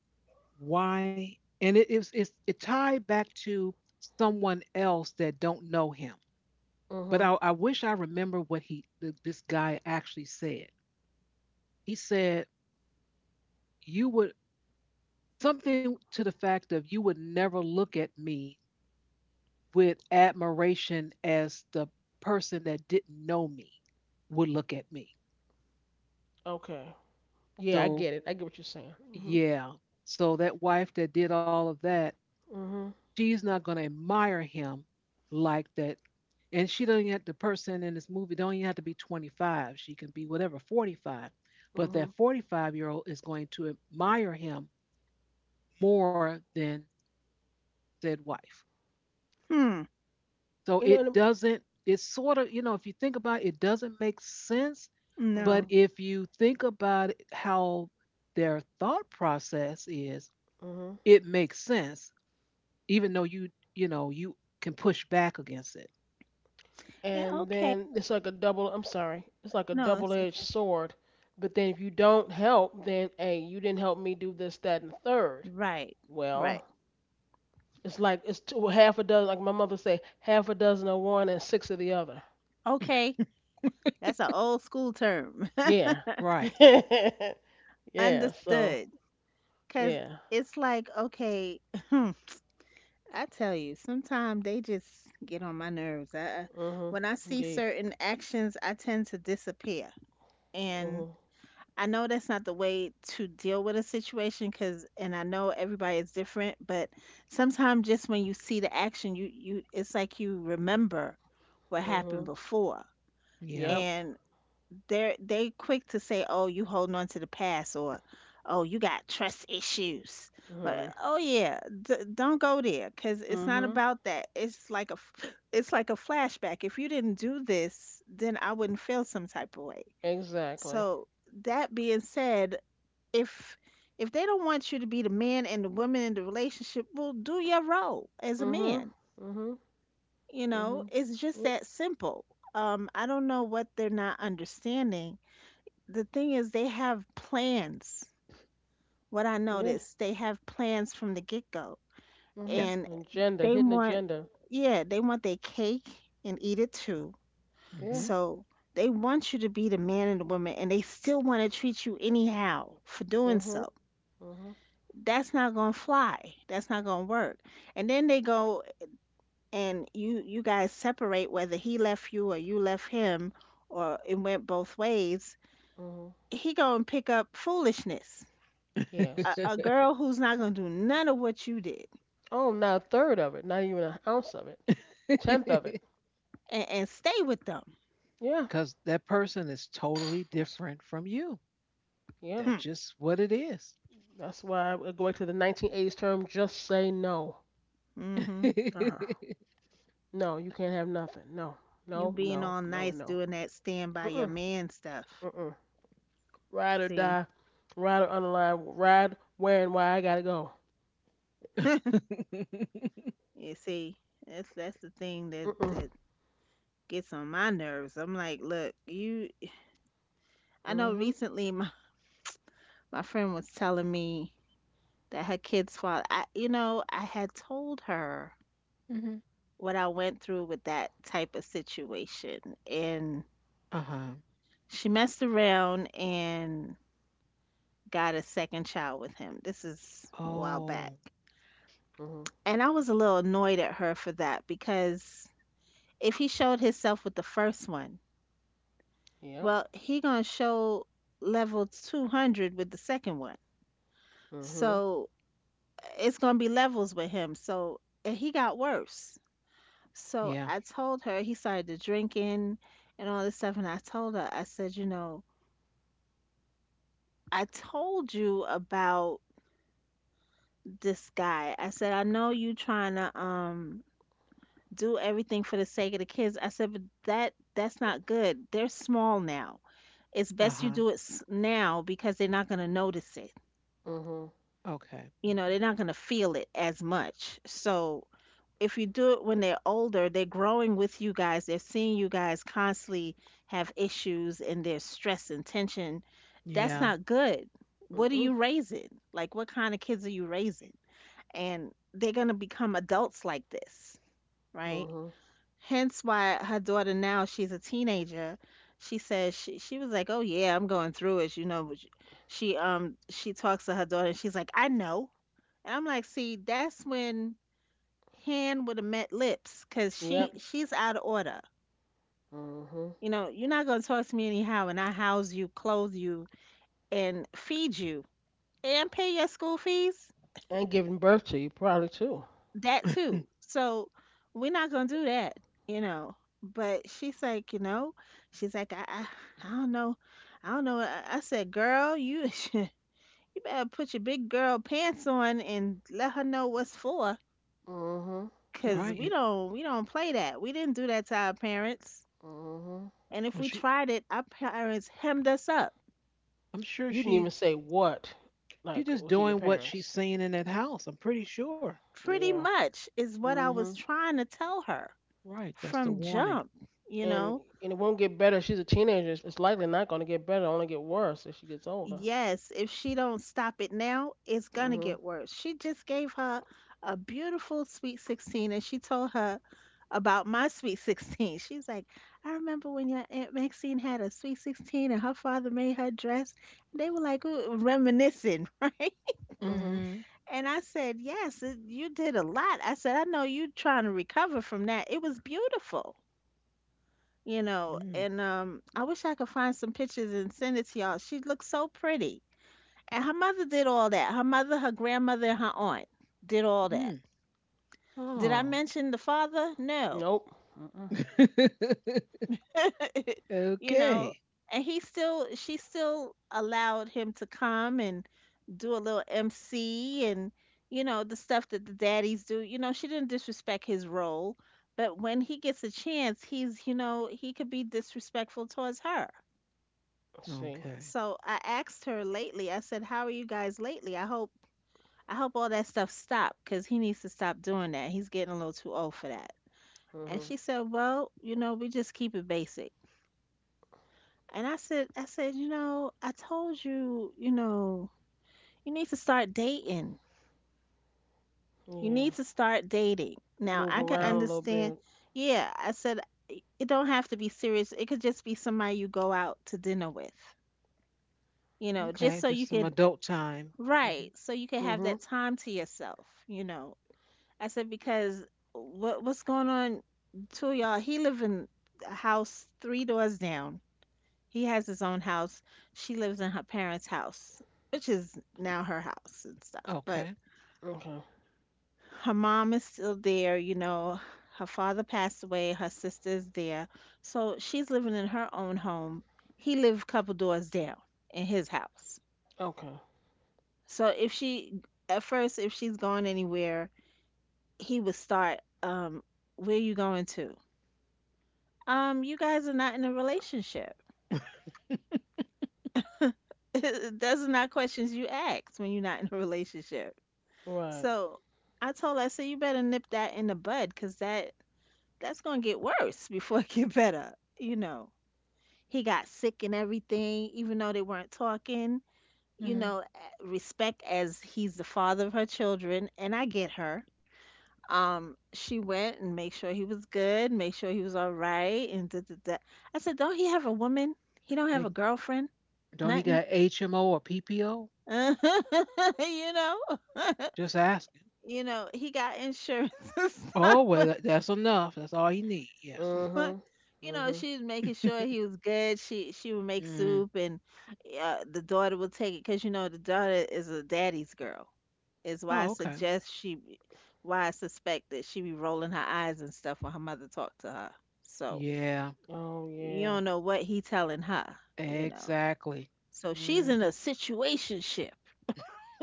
Speaker 1: why? And it tied back to someone else that don't know him. But
Speaker 2: Hmm.
Speaker 1: I wish I remember what this guy actually said. He said, you would something to the fact of, you would never look at me with admiration as the person that didn't know me would look at me.
Speaker 2: Okay. Yeah, I
Speaker 1: So,
Speaker 2: get it. I get what you're saying. Hmm.
Speaker 1: yeah. So that wife that did all of that,
Speaker 2: Hmm.
Speaker 1: she's not going to admire him like that. And she does not have the person in this movie don't even have to be 25. She can be whatever 45. But
Speaker 2: Hmm.
Speaker 1: that 45-year-old is going to admire him more than said wife.
Speaker 3: Hmm.
Speaker 1: So
Speaker 2: You know,
Speaker 1: it
Speaker 2: and,
Speaker 1: doesn't. It's sort of if you think about it, it doesn't make sense.
Speaker 3: No.
Speaker 1: But
Speaker 2: hmm
Speaker 1: if you think about it, how their thought process is,
Speaker 2: hmm
Speaker 1: it makes sense, even though you can push back against it.
Speaker 3: Eh,
Speaker 2: and
Speaker 3: okay.
Speaker 2: then it's like a double, I'm sorry, it's like a
Speaker 3: No, it's
Speaker 2: double-edged
Speaker 3: okay.
Speaker 2: sword, but then if you don't help, then hey, you didn't help me do this, that, and the third.
Speaker 3: Right.
Speaker 2: Well,
Speaker 3: Right.
Speaker 2: it's like it's two, half a dozen, like my mother say, half a dozen of one and six of the other,
Speaker 3: Okay. That's an old school term. *laughs*
Speaker 2: yeah.
Speaker 1: Right.
Speaker 2: *laughs* Yeah, so
Speaker 3: Understood. Cause
Speaker 2: yeah.
Speaker 3: it's like okay. *clears throat* I tell you, sometimes they just get on my nerves. I-
Speaker 2: Mhm.
Speaker 3: when I see
Speaker 2: Indeed.
Speaker 3: certain actions, I tend to disappear, and
Speaker 2: Mhm.
Speaker 3: I know that's not the way to deal with a situation cuz and I know everybody is different, but sometimes just when you see the action, you it's like you remember what happened
Speaker 2: Mhm.
Speaker 3: before.
Speaker 1: Yeah.
Speaker 2: Yep.
Speaker 3: And they quick to say, "Oh, you holding on to the past," or "Oh, you got trust issues." Or,
Speaker 2: Mhm.
Speaker 3: oh yeah, d- don't go there cuz it's not
Speaker 2: Mhm.
Speaker 3: about that. It's like a f- *laughs* *sniffs* it's like a flashback. If you didn't do this, then I wouldn't feel some type of way.
Speaker 2: Exactly.
Speaker 3: So, that being said, if if they don't want you to be the man and the woman in the relationship, well, do your role as a
Speaker 2: Mhm.
Speaker 3: man.
Speaker 2: Mhm.
Speaker 3: You know,
Speaker 2: Mhm.
Speaker 3: it's just that simple. I don't know what they're not understanding. The thing is, they have plans. What I
Speaker 2: Yeah.
Speaker 3: noticed, they have plans from the get go,
Speaker 2: Mhm.
Speaker 1: Yes.
Speaker 3: and
Speaker 2: Agenda,
Speaker 3: they
Speaker 2: hidden
Speaker 3: want,
Speaker 2: agenda.
Speaker 3: yeah, they want their cake and eat it too.
Speaker 2: Yeah.
Speaker 1: Hmm.
Speaker 3: So they want you to be the man and the woman, and they still want to treat you anyhow for doing
Speaker 2: Mhm.
Speaker 3: so.
Speaker 2: Mhm.
Speaker 3: That's not gonna fly. That's not gonna work. And then they go and you guys separate whether he left you or you left him or it went both ways.
Speaker 2: Mhm.
Speaker 3: He gonna pick up foolishness.
Speaker 2: Yes.
Speaker 3: A
Speaker 1: *laughs*
Speaker 3: girl who's not gonna do none of what you did
Speaker 2: Oh, not a third of it. Not even an ounce of it. Tenth of it.
Speaker 3: and stay with them.
Speaker 2: Yeah.
Speaker 1: Because that person is totally
Speaker 2: Oops.
Speaker 1: different from you.
Speaker 2: Yeah.
Speaker 1: That's
Speaker 3: Hmm.
Speaker 1: just what it is.
Speaker 2: That's why I would go back to the 1980s term. Just say no.
Speaker 3: Mm-hmm.
Speaker 2: Uh huh.
Speaker 1: *laughs*
Speaker 2: No, you can't have nothing. No.
Speaker 3: You
Speaker 2: No.
Speaker 3: being
Speaker 2: No.
Speaker 3: all
Speaker 2: No. And
Speaker 3: nice
Speaker 2: no.
Speaker 3: doing that stand by
Speaker 2: Mm.
Speaker 3: your
Speaker 2: Mm.
Speaker 3: man stuff.
Speaker 2: Mm. Mm. Ride or
Speaker 3: See,
Speaker 2: die. Ride or underline. Ride where and why I gotta go.
Speaker 1: *laughs*
Speaker 3: you see, that's the thing that
Speaker 2: Mm.
Speaker 3: that gets on my nerves. I'm like, look, you. I know
Speaker 2: Mhm.
Speaker 3: recently my friend was telling me that her kid's father, I, you know, I had told her
Speaker 1: Mm-hmm.
Speaker 3: what I went through with that type of situation. And
Speaker 1: Uh-huh.
Speaker 3: she messed around and got a second child with him. This is a while back.
Speaker 1: Oh,
Speaker 2: Mhm.
Speaker 3: And I was a little annoyed at her for that because if he showed himself with the first one,
Speaker 2: Yep.
Speaker 3: well, he gonna show level 200 with the second one.
Speaker 2: Mhm.
Speaker 3: So it's gonna be levels with him. So and he got worse. So
Speaker 1: yeah.
Speaker 3: I told her he started to drinking and all this stuff. And I told her, I said, you know, I told you about this guy. I said, I know you trying to do everything for the sake of the kids. I said, but that's not good. They're small now. It's best you
Speaker 1: Uh-huh.
Speaker 3: do it s- now because they're not gonna notice it.
Speaker 2: Mhm.
Speaker 1: Okay.
Speaker 3: You know, they're
Speaker 1: Mhm.
Speaker 3: not gonna feel it as much. So if you do it when they're older, they're growing with you guys. They're seeing you guys constantly have issues and there's stress and tension. That's
Speaker 1: Yeah.
Speaker 3: not good. What are
Speaker 2: Mhm.
Speaker 3: you raising? Like, what kind of kids are you raising? And they're going to become adults like this, right?
Speaker 2: Mhm.
Speaker 3: Hence why her daughter now, she's a teenager. She says she was like, "Oh yeah, I'm going through it," you know. But she talks to her daughter and she's like, "I know." And I'm like, "See, that's when hand with a met lips because she
Speaker 2: Yep.
Speaker 3: she's out of order,
Speaker 2: Mhm.
Speaker 3: you know. You're not going to talk to me anyhow and I house you, clothe you and feed you and pay your school fees,
Speaker 2: And giving birth to you probably too.
Speaker 3: that
Speaker 1: Hmm.
Speaker 3: too. So we're not going to do that, you know. But she's like, you know, she's like, I don't know, I said girl you *laughs* you better put your big girl pants on and let her know what's for
Speaker 2: Mhm.
Speaker 1: Right.
Speaker 3: because
Speaker 1: And
Speaker 3: we don't play that. We didn't do that to our parents.
Speaker 2: Mhm.
Speaker 3: And if
Speaker 1: well,
Speaker 3: we
Speaker 1: she
Speaker 3: tried it, our parents hemmed us up.
Speaker 1: I'm sure
Speaker 2: You didn't even
Speaker 1: she
Speaker 2: say what,
Speaker 1: she
Speaker 2: like
Speaker 1: just
Speaker 2: to your
Speaker 1: doing what
Speaker 2: parents.
Speaker 1: she's seeing in that house. I'm pretty sure.
Speaker 3: Pretty
Speaker 2: Yeah.
Speaker 3: much is what I was
Speaker 2: Mhm.
Speaker 3: trying to tell her
Speaker 1: Right. That's the
Speaker 3: from
Speaker 1: warning.
Speaker 3: jump, you
Speaker 2: And
Speaker 3: know.
Speaker 2: and it won't get better. She's a teenager. It's likely not going to get better. It'll only get worse as she gets older.
Speaker 3: Yes, if she don't stop it now, it's gonna
Speaker 2: Mhm.
Speaker 3: get worse. She just gave her a beautiful sweet 16 and she told her about my *laughs* sweet 16. She's like, "I remember when your Aunt Maxine had a sweet 16 and her father made her dress." They were like ooh, reminiscing, *laughs* right?
Speaker 2: Mhm.
Speaker 1: Mm-hmm.
Speaker 3: And I said, Yes, it, you did a lot. I said, I know you trying to recover from that. It was beautiful, you know.
Speaker 1: Mm.
Speaker 3: And I wish I could find some pictures and send it to y'all. She looked so pretty. And her mother did all that. Her mother, her grandmother, and her aunt did all that.
Speaker 1: Mm.
Speaker 3: Did I
Speaker 1: Oh.
Speaker 3: mention the father? No.
Speaker 2: Nope.
Speaker 1: *laughs*
Speaker 3: *laughs*
Speaker 1: Okay.
Speaker 3: You know,
Speaker 1: Okay.
Speaker 3: and he still, she still allowed him to come and do a little MC and, you know, the stuff that the daddies do. You know, she didn't disrespect his role, but when he gets a chance, he's, you know, he could be disrespectful towards her.
Speaker 2: Let's see.
Speaker 3: So I asked her lately, I said, How are you guys lately? I hope all that stuff stopped because he needs to stop doing that. He's getting a little too old for that. And
Speaker 2: Mhm.
Speaker 3: she said, "Well, you know, we just keep it basic." And I said, "You know, I told you, you need to start dating. You need
Speaker 2: Yeah.
Speaker 3: to start dating." Now, I
Speaker 2: Move
Speaker 3: can
Speaker 1: Okay.
Speaker 2: around a little
Speaker 3: understand.
Speaker 2: bit.
Speaker 3: Yeah, I said, "I- it don't have to be serious. It could just be somebody you go out to dinner with. You know, just
Speaker 1: Okay.
Speaker 3: so you
Speaker 1: Just some
Speaker 3: could"
Speaker 1: adult time. Hmm.
Speaker 3: Right, so you can have
Speaker 2: Mhm.
Speaker 3: that time to yourself, you know. I said, because what's going on to y'all? He live in a house 3 doors down. He has his own house. She lives in her parents' house, which is now her house and stuff. But
Speaker 1: Okay.
Speaker 2: Okay.
Speaker 3: her mom is still there, you know. Her father passed away, her sister is there. So she's living in her own home. He lived a couple doors down in his house.
Speaker 2: Okay.
Speaker 3: So if she at first, if she's going anywhere, he would start, "Where you going to? You guys are not in a relationship."
Speaker 1: *laughs*
Speaker 3: *laughs* Those are not questions you ask when you're not in a relationship.
Speaker 2: Right.
Speaker 3: So I told her, I said, "You better nip that in the bud, because that's gonna get worse *laughs* before it get better." You know, he got sick and everything, even though they weren't talking. You
Speaker 1: Mm-hmm.
Speaker 3: know, a- respect, as he's the father of her children, and I get her. She went and made sure he was good, make sure he was all right, and da, da, da. I said, "Don't he have a woman? He don't have
Speaker 1: They,
Speaker 3: a girlfriend,
Speaker 1: don't he
Speaker 3: nothing."
Speaker 1: got HMO or PPO?
Speaker 3: *laughs* you know,
Speaker 1: Just ask.
Speaker 3: he got insurance *laughs* and
Speaker 1: Oh, well,
Speaker 3: stuff,
Speaker 1: that's enough. That's all you need. Yeah.
Speaker 2: Mhm.
Speaker 3: *laughs* you know,
Speaker 2: Mhm.
Speaker 3: she was making sure he
Speaker 1: *laughs*
Speaker 3: was good. She would make
Speaker 1: Mm.
Speaker 3: soup, and the daughter would take it, because you know the daughter is a daddy's girl. Is why I
Speaker 1: Oh, okay.
Speaker 3: suggest she, be- why I suspect that she be rolling her eyes and stuff when her mother talked to her. So
Speaker 1: Yeah,
Speaker 2: Oh
Speaker 3: you
Speaker 2: yeah.
Speaker 3: don't know what he telling her, you know.
Speaker 1: exactly.
Speaker 3: So she's
Speaker 1: Hmm.
Speaker 3: in a situationship.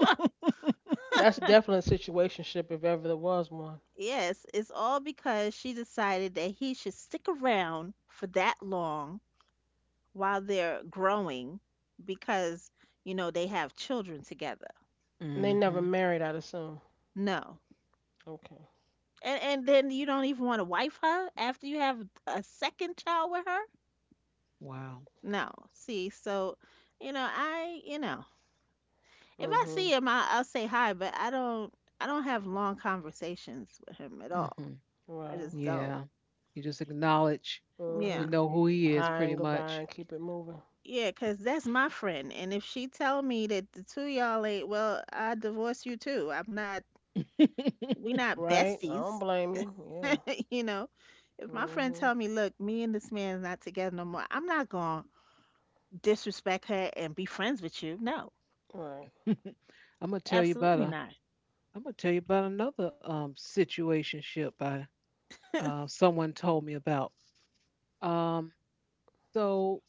Speaker 3: *laughs*
Speaker 2: That's definitely a situationship if ever there was one.
Speaker 3: Yes, it's all because she decided that he should stick around for that long while they're growing, because you know they have children together.
Speaker 2: And they never
Speaker 1: Hmm.
Speaker 2: married, I'd assume.
Speaker 3: No.
Speaker 2: Okay.
Speaker 3: And then you don't even want to wife her after you have a second child with her?
Speaker 1: Wow.
Speaker 3: No. See, so you know, I, you know, if I
Speaker 2: Mhm.
Speaker 3: see him, I'll say hi, but I don't have long conversations with him at all.
Speaker 1: Hmm.
Speaker 3: I
Speaker 2: Right.
Speaker 3: just don't.
Speaker 1: Yeah. You just acknowledge you
Speaker 3: Yeah.
Speaker 2: Mhm.
Speaker 1: know who he is
Speaker 2: High
Speaker 1: pretty
Speaker 2: and goodbye
Speaker 1: much.
Speaker 2: and keep it moving.
Speaker 3: Yeah, 'cause that's my friend. And if she tell me that the two of y'all ain't, well, I divorce you too. I'm not,
Speaker 1: *laughs*
Speaker 3: we
Speaker 1: I'm
Speaker 3: not
Speaker 2: Right? I don't
Speaker 3: besties.
Speaker 2: blame you. Yeah.
Speaker 3: *laughs* You know, if my friend tell
Speaker 2: Mhm.
Speaker 3: me, look, me and this man is not together no more, I'm not gonna disrespect her and be friends with you. No,
Speaker 2: Right.
Speaker 1: gonna tell you about
Speaker 3: absolutely
Speaker 1: a
Speaker 3: not.
Speaker 1: I'm gonna tell you about another situationship I someone told me about. Um so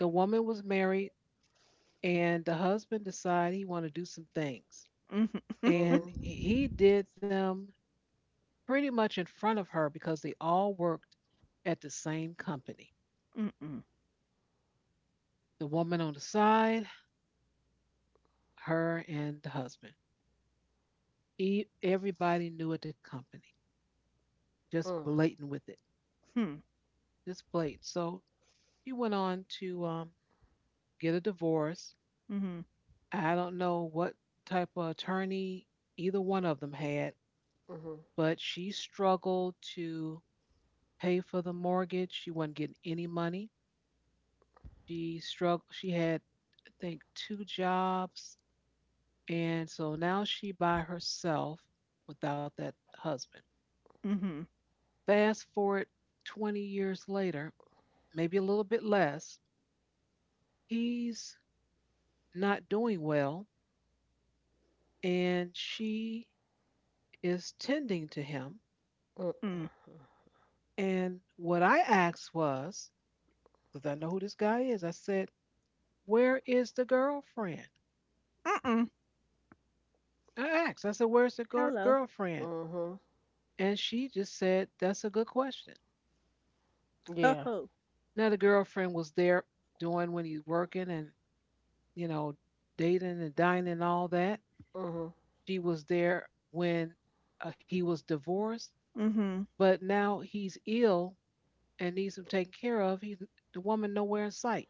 Speaker 1: the woman was married and the husband decided he wanted to do some things.
Speaker 3: Mm-hmm.
Speaker 1: And
Speaker 2: Mhm.
Speaker 1: he did them pretty much in front of her because they all worked at the same company.
Speaker 3: Mm-mm.
Speaker 1: The woman on the side, her and the husband. Everybody knew at the company, just
Speaker 2: Mm.
Speaker 1: blatant with it,
Speaker 3: Hmm.
Speaker 1: just blatant. So he went on to get a divorce.
Speaker 3: Mm-hmm.
Speaker 1: I don't know what type of attorney either one of them had,
Speaker 2: Mhm.
Speaker 1: but she struggled to pay for the mortgage. She wasn't getting any money. She struggled. She had think two jobs. And so now she by herself without that husband.
Speaker 3: Mm-hmm.
Speaker 1: Fast forward 20 years later, maybe a little bit less, he's not doing well and she is tending to him.
Speaker 2: Mm.
Speaker 3: Mm.
Speaker 1: And what I asked was, because I know who this guy is, I said, where is the girlfriend?
Speaker 3: Mm-mm.
Speaker 1: I asked, I said, where's the gir-
Speaker 3: Hello.
Speaker 1: girlfriend?
Speaker 2: Mhm.
Speaker 1: And she just said, that's a good question.
Speaker 3: Ho
Speaker 2: Yeah.
Speaker 3: ho.
Speaker 1: Another girlfriend was there doing when he's working and you know dating and dining and all that,
Speaker 2: Mhm.
Speaker 1: she was there when he was divorced,
Speaker 3: Mm-hmm.
Speaker 1: but now he's ill and needs him taken care of, he's the woman nowhere in sight.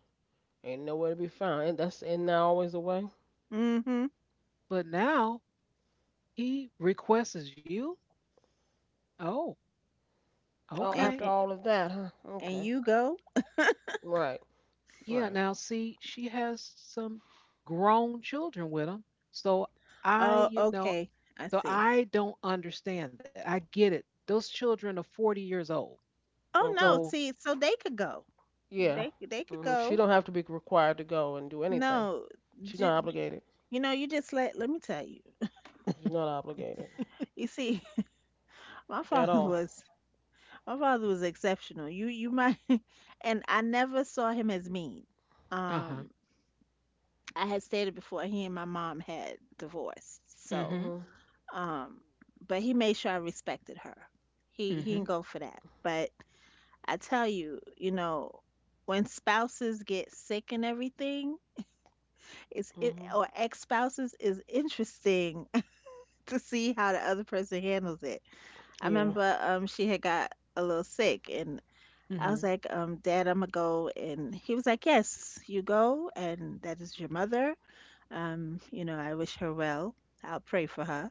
Speaker 2: Ain't nowhere to be found. And that's and now always the way.
Speaker 3: Mm-hmm.
Speaker 1: But now he requests you. Oh,
Speaker 2: Oh,
Speaker 3: And,
Speaker 1: okay.
Speaker 2: after
Speaker 3: and
Speaker 2: all of that, huh?
Speaker 3: and
Speaker 2: Okay.
Speaker 3: you go?
Speaker 2: Right.
Speaker 1: Yeah,
Speaker 2: Right.
Speaker 1: now see, she has some grown children with him, so i
Speaker 3: Oh,
Speaker 1: you know
Speaker 3: okay. I
Speaker 1: so
Speaker 3: see.
Speaker 1: I don't understand that. I get it. Those children are 40 years old.
Speaker 3: Oh no.
Speaker 2: Okay.
Speaker 1: So
Speaker 3: See, so they could go.
Speaker 2: Yeah.
Speaker 3: They could
Speaker 2: Mhm. She
Speaker 3: go.
Speaker 2: don't have to be required to go and do anything.
Speaker 3: No,
Speaker 2: She's
Speaker 3: ju-
Speaker 2: not
Speaker 3: ju-
Speaker 2: obligated.
Speaker 3: you know, you just let me tell you.
Speaker 2: She's not obligated
Speaker 3: You see, *laughs* my
Speaker 2: at
Speaker 3: father
Speaker 2: all.
Speaker 3: was My father was exceptional. You might *laughs* and I never saw him as mean.
Speaker 1: uh-huh.
Speaker 3: Um I had stated before he and my mom had divorced. So
Speaker 1: Mm.
Speaker 2: Mhm.
Speaker 3: um but he made sure I respected her. He
Speaker 1: Mhm.
Speaker 3: didn't go for that. But I tell you, you know, when spouses get sick and everything, it's it
Speaker 2: Mhm.
Speaker 3: or ex spouses is interesting *laughs* to see how the other person handles it. I
Speaker 2: Yeah.
Speaker 3: remember she had got a little sick, and
Speaker 1: Mhm.
Speaker 3: I was
Speaker 1: Mhm.
Speaker 3: like, "Dad, I'm gonna go." And he was like, "Yes, you go. And that is your mother. You know, I wish her well. I'll pray for her."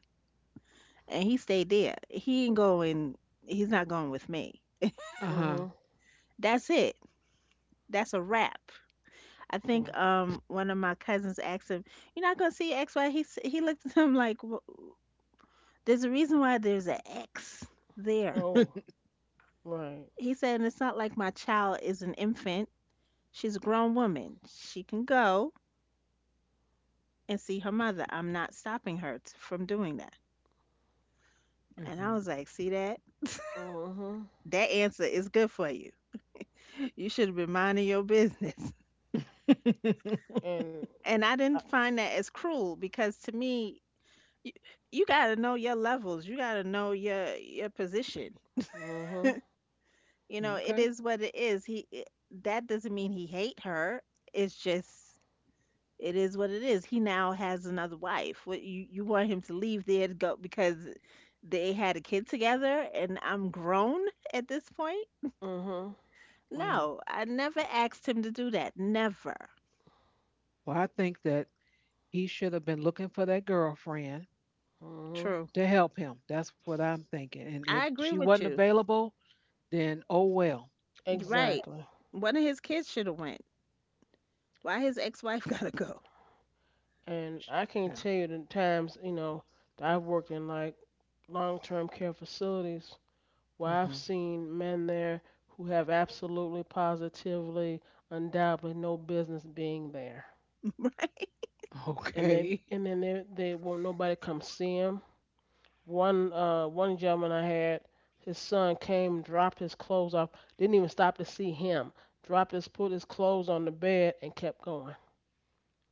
Speaker 3: And he stayed there. He ain't going, he's not going with me.
Speaker 1: Uh-huh.
Speaker 2: Mhm.
Speaker 3: That's it. That's a wrap. I
Speaker 2: Yeah.
Speaker 3: think one of my cousins asked him, "You're not gonna see X, Y?" He, s- he looked at him like, "Wh- there's a reason why there's an X there."
Speaker 2: Oh.
Speaker 1: *laughs*
Speaker 2: Right.
Speaker 3: He said, "And it's not like my child is an infant. She's a grown woman. She can go and see her mother. I'm not stopping her t- from doing that."
Speaker 1: Mm.
Speaker 3: And I
Speaker 1: Mhm.
Speaker 3: was like, see that? *laughs*
Speaker 2: Mhm.
Speaker 3: That answer is good for you. You should have been minding your business. *laughs*
Speaker 2: And
Speaker 1: *laughs*
Speaker 3: And I
Speaker 2: I,
Speaker 3: didn't find that as cruel, because to me, you, you got to know your levels. You got to know your position.
Speaker 2: mhm.
Speaker 3: You know, it
Speaker 1: Okay,
Speaker 3: is what it is. He it- that doesn't mean he hate her. It's just it is what it is. He now has another wife. What, you want him to leave there to go because they had a kid together and I'm grown at this point?
Speaker 2: Mhm.
Speaker 1: well,
Speaker 3: No, I never asked him to do that. Never.
Speaker 1: well, I think that he should have been looking for that girlfriend
Speaker 2: Mhm.
Speaker 3: True.
Speaker 1: to help him. That's what I'm thinking. And if
Speaker 3: I
Speaker 1: she
Speaker 3: agree
Speaker 1: wasn't
Speaker 3: with you.
Speaker 1: available, then oh well.
Speaker 3: You're right.
Speaker 2: Exactly.
Speaker 3: One of his kids should have went. Why his ex-wife *laughs* gotta go?
Speaker 2: And
Speaker 1: Sh-
Speaker 2: I can't
Speaker 1: Yeah.
Speaker 2: tell you the times, that I've worked in like long-term care facilities where
Speaker 1: Mhm.
Speaker 2: I've seen men there who have absolutely, positively, undoubtedly no business being there. And they
Speaker 1: Okay. *laughs*
Speaker 2: and then they won't nobody come see 'em. One gentleman I had, his son came, dropped his clothes off, didn't even stop to see him, dropped his put his clothes on the bed and kept going.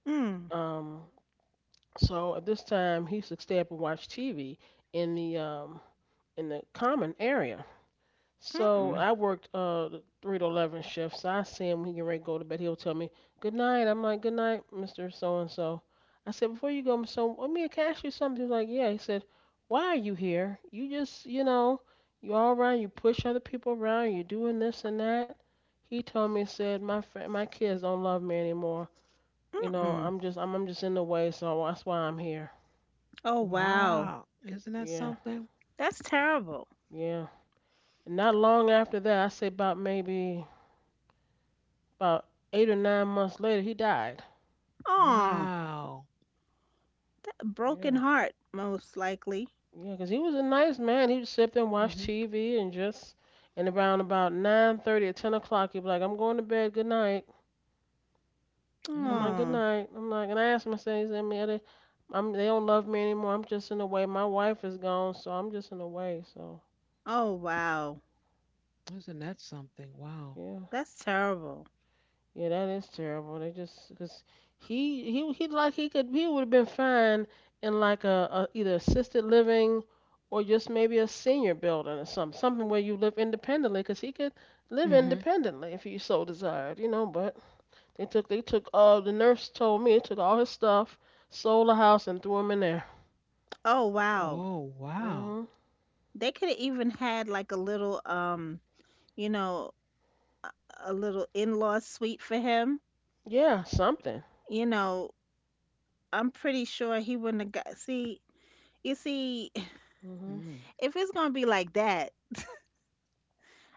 Speaker 3: Mm,
Speaker 2: Um, so at this time he used to stay up and watch TV in the um in the common area. So
Speaker 3: mm-mm,
Speaker 2: I worked the 3 to 11 shifts. So I see him when he get ready to go to bed. He'll tell me good night. I'm like good night, Mister So and So. I said before you go, Mister, so let me can ask you something. He was like yeah. He said why are you here? You just you all around. You push other people around. You're doing this and that. He told me said my kids don't love me anymore. You know
Speaker 3: mm-mm.
Speaker 2: I'm just in the way. So that's why I'm here.
Speaker 3: Oh wow.
Speaker 1: Wow. Isn't that
Speaker 2: Yeah,
Speaker 1: something?
Speaker 3: That's terrible.
Speaker 2: yeah. And not long after that, I say about maybe about 8 or 9 months later, he died.
Speaker 3: Oh,
Speaker 1: Wow.
Speaker 3: broken
Speaker 2: Yeah,
Speaker 3: heart most likely.
Speaker 2: yeah, 'cause he was a nice man. He'd sit there and
Speaker 1: Mm.
Speaker 2: watch
Speaker 1: Mhm.
Speaker 2: TV and just, and around about 9:30 or 10 o'clock, he'd be like, "I'm going to bed. Good night." I'm like,
Speaker 1: Mm.
Speaker 2: "Good
Speaker 3: Oh,
Speaker 2: night." I'm like, and I asked him, I said, "He's in They, I'm, they don't love me anymore. I'm just in the way. My wife is gone, so I'm just in the way." So
Speaker 3: oh wow.
Speaker 1: Isn't that something? Wow.
Speaker 2: yeah.
Speaker 3: That's terrible.
Speaker 2: Yeah, that is terrible. They just because he like he could he would have been fine in like a either assisted living or just maybe a senior building or something where you live independently because he could
Speaker 1: Mm.
Speaker 2: live
Speaker 1: Mhm.
Speaker 2: independently if he so desired, you know. But the nurse told me they took all his stuff, sold the house and threw him in there.
Speaker 3: Oh, wow.
Speaker 1: Oh wow.
Speaker 2: Mhm.
Speaker 3: They could have even had like a little, you know, a a little in-law suite for him.
Speaker 2: Yeah, something.
Speaker 3: You know, I'm pretty sure he wouldn't have got. See, you see, *sighs*
Speaker 2: Mhm.
Speaker 1: Mm.
Speaker 3: if it's gonna be like that,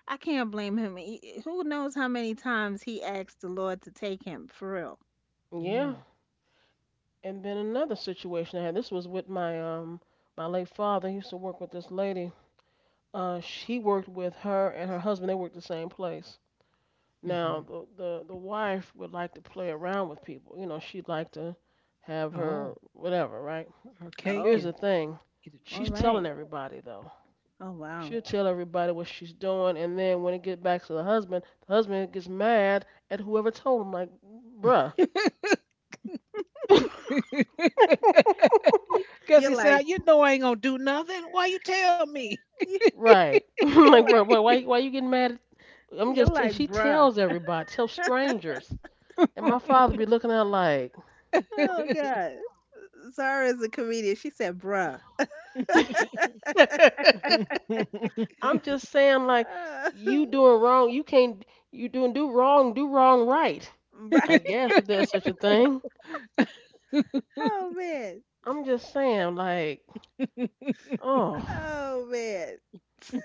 Speaker 3: I can't blame him. He- eh, who knows how many times he asked the Lord to take him for real?
Speaker 2: Yeah.
Speaker 1: Mm.
Speaker 2: And then another situation I had. This was with my my late father. He used to work with this lady, she worked with her and her husband. They worked the same place. Now
Speaker 1: Mhm.
Speaker 2: the wife would like to play around with people. You know, she'd like to have her
Speaker 1: Oh,
Speaker 2: whatever, right?
Speaker 1: her cake
Speaker 3: Oh,
Speaker 2: Here's the
Speaker 1: and
Speaker 2: thing.
Speaker 1: eat
Speaker 3: all
Speaker 2: She's telling
Speaker 3: right.
Speaker 2: everybody though.
Speaker 3: Oh, wow.
Speaker 2: She'll tell everybody what she's doing, and then when it gets back to the husband gets mad at whoever told him. Like, bruh.
Speaker 1: it too.
Speaker 2: *laughs*
Speaker 1: *laughs*
Speaker 3: You-
Speaker 1: Because
Speaker 3: you're
Speaker 1: he
Speaker 3: like,
Speaker 1: said, you know, I ain't going to do nothing. Why you tell me?
Speaker 3: you-
Speaker 2: Right. *laughs*
Speaker 3: you're
Speaker 2: Like, bruh,
Speaker 3: like,
Speaker 2: why you getting mad? At, I'm
Speaker 3: you're
Speaker 2: just.
Speaker 3: like,
Speaker 2: She
Speaker 3: bruh.
Speaker 2: tells everybody. Tells strangers. And my father be looking at like,
Speaker 3: Oh God. Zara is a comedian. She said, bruh.
Speaker 1: *laughs*
Speaker 2: *laughs* I'm just saying like,
Speaker 3: Uh,
Speaker 2: you doing wrong. You can't. You doing do wrong. Do wrong right. I
Speaker 3: *laughs*
Speaker 2: guess if there's such a thing.
Speaker 3: oh man.
Speaker 2: I'm just saying like, oh.
Speaker 3: Oh man.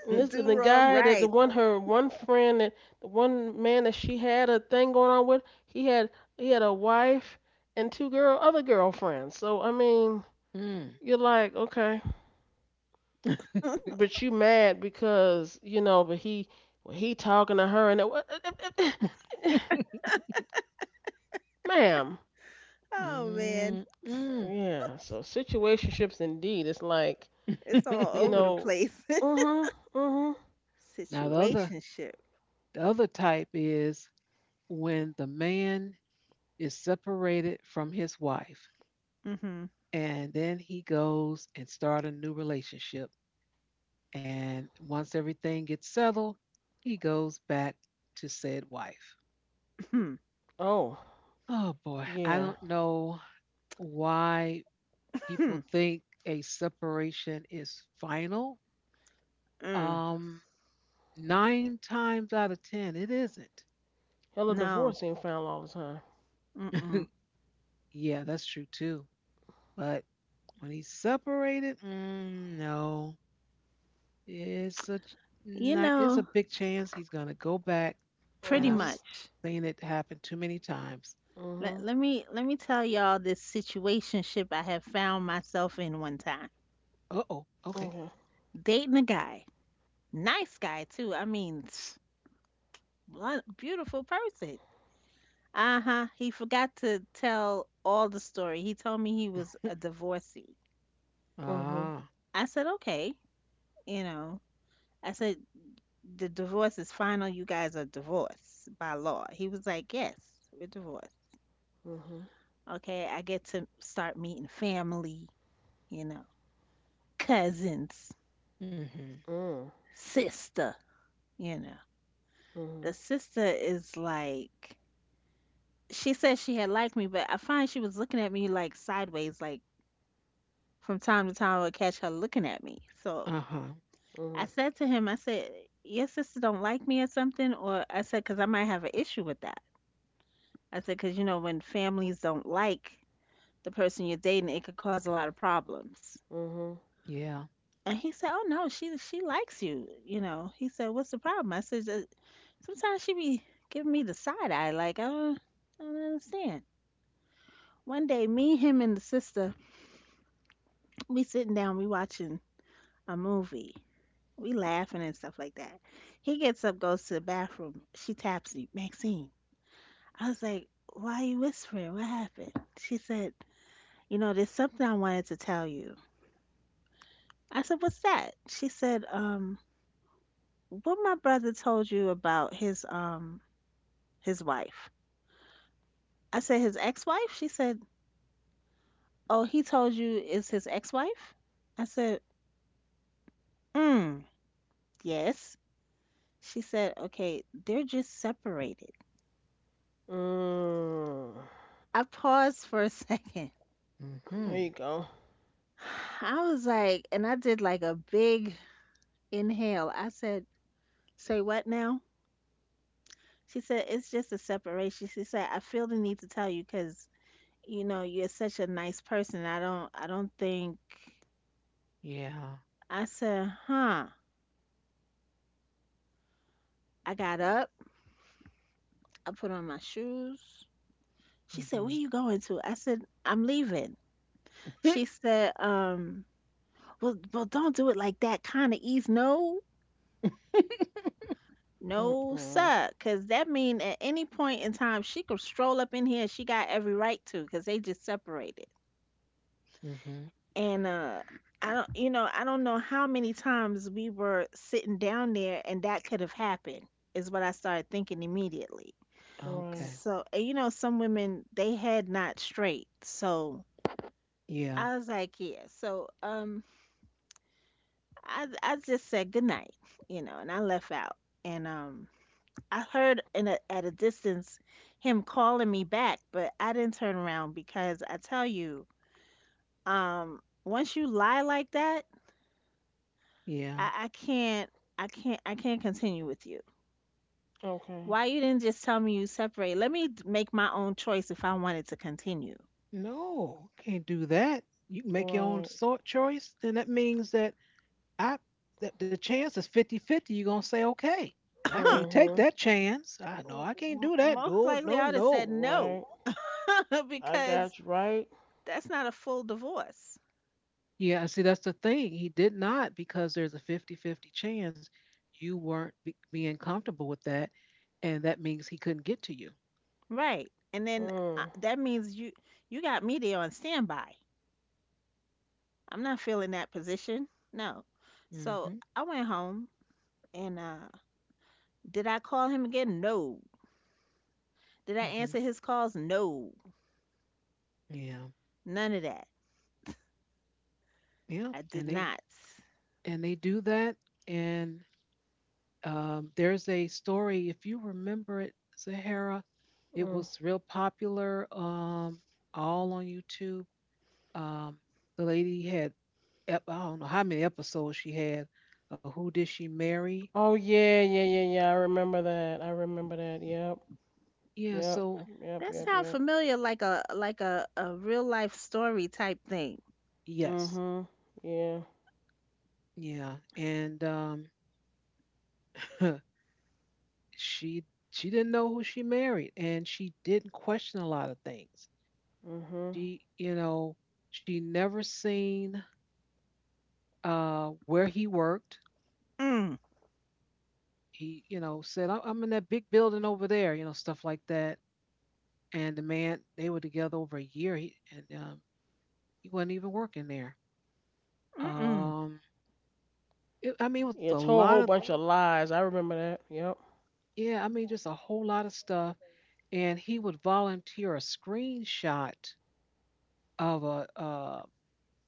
Speaker 2: And this
Speaker 3: Do
Speaker 2: the
Speaker 3: wrong
Speaker 2: guy that
Speaker 3: right.
Speaker 2: the one man that she had a thing going on with. He had a wife and two girl other girlfriends. So I mean,
Speaker 1: Mm.
Speaker 2: you're like okay. But you mad because, you know, but he talking to her and it, *laughs* ma'am,
Speaker 3: Oh man.
Speaker 1: Mm, mm.
Speaker 2: yeah. So situationships indeed. It's like,
Speaker 3: It's all
Speaker 2: you
Speaker 3: over the
Speaker 1: *laughs*
Speaker 2: know,
Speaker 3: place.
Speaker 2: mhm, mhm.
Speaker 3: *laughs*
Speaker 1: Now the other
Speaker 3: Situationship.
Speaker 1: the other type is when the man is separated from his wife
Speaker 3: Mm-hmm.
Speaker 1: and then he goes and start a new relationship. And once everything gets settled, he goes back to said wife.
Speaker 2: Oh
Speaker 1: Oh boy, I
Speaker 2: yeah,
Speaker 1: don't know why people think a separation is final.
Speaker 3: *clears throat* Mm.
Speaker 1: Um, Nine times out of 10, it isn't.
Speaker 2: hella
Speaker 3: No.
Speaker 2: divorce ain't found all the time.
Speaker 3: Mm-mm.
Speaker 1: *laughs* Yeah, that's true too. But when he's separated, no, it's a ch-
Speaker 3: You
Speaker 1: it's a
Speaker 3: know,
Speaker 1: big chance he's gonna go back, and
Speaker 3: pretty
Speaker 1: I've
Speaker 2: Mhm,
Speaker 1: s-
Speaker 3: much.
Speaker 1: seen it happen too many times.
Speaker 2: mhm.
Speaker 3: Let me let me tell y'all this situationship I have found myself in one time.
Speaker 1: Uh oh,
Speaker 2: Okay.
Speaker 1: okay.
Speaker 3: Dating a guy. Nice guy too. I mean, *sniffs* lo- beautiful person. Uh-huh. He forgot to tell all the story. He told me he was a
Speaker 1: *laughs*
Speaker 3: divorcee.
Speaker 2: Mhm,
Speaker 1: Ah.
Speaker 3: I said, "Okay, you know." I said, "The divorce is final. You guys are divorced by law." He was like, "Yes, we're divorced."
Speaker 2: mhm.
Speaker 3: Okay, I get to start meeting family, you know, cousins,
Speaker 1: Mm-hmm.
Speaker 2: Mm,
Speaker 3: sister, you know. The
Speaker 2: mhm,
Speaker 3: sister is like, she said she had liked me, but I find she was looking at me like sideways, like from time to time I would catch her looking at me. So
Speaker 1: Uh-huh.
Speaker 3: I
Speaker 2: mhm,
Speaker 3: said to him, "Your sister don't like me or something," or I said, "Because I might have an issue with that." I said, "Because you know, when families don't like the person you're dating, it could cause a lot of problems."
Speaker 2: mhm.
Speaker 1: Yeah.
Speaker 3: And he said, "Oh no, she likes you." You know, he said, "What's the problem?" I said, sometimes she be giving me the side eye, like I don't understand." One day, me, him, and the sister, we sitting down, we watching a movie, we laughing and stuff like that. He gets up, goes to the bathroom. She taps me, "Maxine." I was like, "Why are you whispering? What happened?" She said, "You know, there's something I wanted to tell you." I said, "What's that?" She said, "What my brother told you about his wife." I said, "His ex-wife?" She said, "Oh, he told you is his ex-wife?" I said, mm, "Yes." She said, "Okay, they're just separated."
Speaker 2: Mm.
Speaker 3: I paused for a *laughs* second.
Speaker 2: There
Speaker 1: Mm-hmm.
Speaker 2: you go.
Speaker 3: I was like, and I did like a big inhale. I said, "Say what now?" She said, "It's just a separation." She said, "I feel the need to tell you, because you know, you're such a nice person. I don't think."
Speaker 1: Yeah.
Speaker 3: I said, "Huh." I got up. I put on my shoes. She said, "Where
Speaker 1: Mm-hmm.
Speaker 3: you going to?" I said, "I'm leaving." She
Speaker 1: *laughs*
Speaker 3: said, "Well, well, don't do it like that, kind of ease." No, no,
Speaker 2: Mm-mm.
Speaker 3: sir. Because that mean at any point in time, she could stroll up in here. She got every right to, because they just separated.
Speaker 1: Mm-hmm.
Speaker 3: And uh, I don't, you know, I don't know how many times we were sitting down there and that could have happened, is what I started thinking immediately.
Speaker 2: Right.
Speaker 1: Okay.
Speaker 3: So, and you know, some women they had not straight. So
Speaker 1: Yeah.
Speaker 3: I was like, yeah, so I just said good night, you know, and I left out. And I heard in a, at a distance him calling me back, but I didn't turn around, because I tell you, once you lie like that,
Speaker 1: Yeah.
Speaker 3: I, I can't I can't continue with you.
Speaker 2: Okay.
Speaker 3: Why you didn't just tell me you separate? Let me d- make my own choice if I wanted to continue.
Speaker 1: No, can't do that. You can make your
Speaker 2: Right.
Speaker 1: own sort choice, then that means I that the chance is 50-50. You're gonna say okay. And I can't take
Speaker 2: Mhm.
Speaker 1: that chance. I know
Speaker 3: W-
Speaker 1: I can't
Speaker 3: m-
Speaker 1: do that.
Speaker 3: most
Speaker 1: No,
Speaker 3: likely
Speaker 1: no,
Speaker 3: I would have
Speaker 1: no.
Speaker 3: said
Speaker 2: Right.
Speaker 3: no *laughs*
Speaker 2: I got
Speaker 3: because
Speaker 2: you right.
Speaker 3: that's not a full divorce.
Speaker 1: Yeah, see, that's the thing. He did not because there's a 50-50 chance you weren't being comfortable with that, and that means he couldn't get to you.
Speaker 3: Right. And then
Speaker 2: Mm,
Speaker 3: that means you you got me there on standby. I'm not feeling that position. No.
Speaker 1: Mm.
Speaker 3: So
Speaker 1: Mhm.
Speaker 3: I went home and did I call him again? No. Did I
Speaker 1: Mm. Mhm.
Speaker 3: answer his calls? No.
Speaker 1: Yeah,
Speaker 3: None of that.
Speaker 1: yeah,
Speaker 3: I
Speaker 1: and
Speaker 3: did
Speaker 1: they
Speaker 3: not.
Speaker 1: and they do that. And there's a story, if you remember it, Sahara, it
Speaker 2: mm.
Speaker 1: was real popular, all on YouTube. Um, the lady had I don't know how many episodes she had. Who did she marry?
Speaker 2: Oh yeah, yeah, yeah, yeah. I remember that. I remember that. Yep,
Speaker 1: Yeah,
Speaker 2: yep,
Speaker 1: so
Speaker 2: yep,
Speaker 3: That
Speaker 2: yep,
Speaker 3: sounds
Speaker 2: yep.
Speaker 3: familiar, like a real life story type thing.
Speaker 1: yes.
Speaker 2: Mhm. Yeah.
Speaker 1: Yeah, and *laughs* she she didn't know who she married, and she didn't question a lot of things.
Speaker 2: Mhm.
Speaker 1: She, you know, she never seen where he worked.
Speaker 3: Mm,
Speaker 1: He said I'm, in that big building over there, stuff like that. And the man, they were together over a year, and he wasn't even working there.
Speaker 3: mm-mm,
Speaker 1: Um, it, I mean, it was a
Speaker 2: Yeah. Told a
Speaker 1: lot of
Speaker 2: whole bunch of lies. I remember that. Yep.
Speaker 1: yeah, I mean, just a whole lot of stuff. And he would volunteer a screenshot of a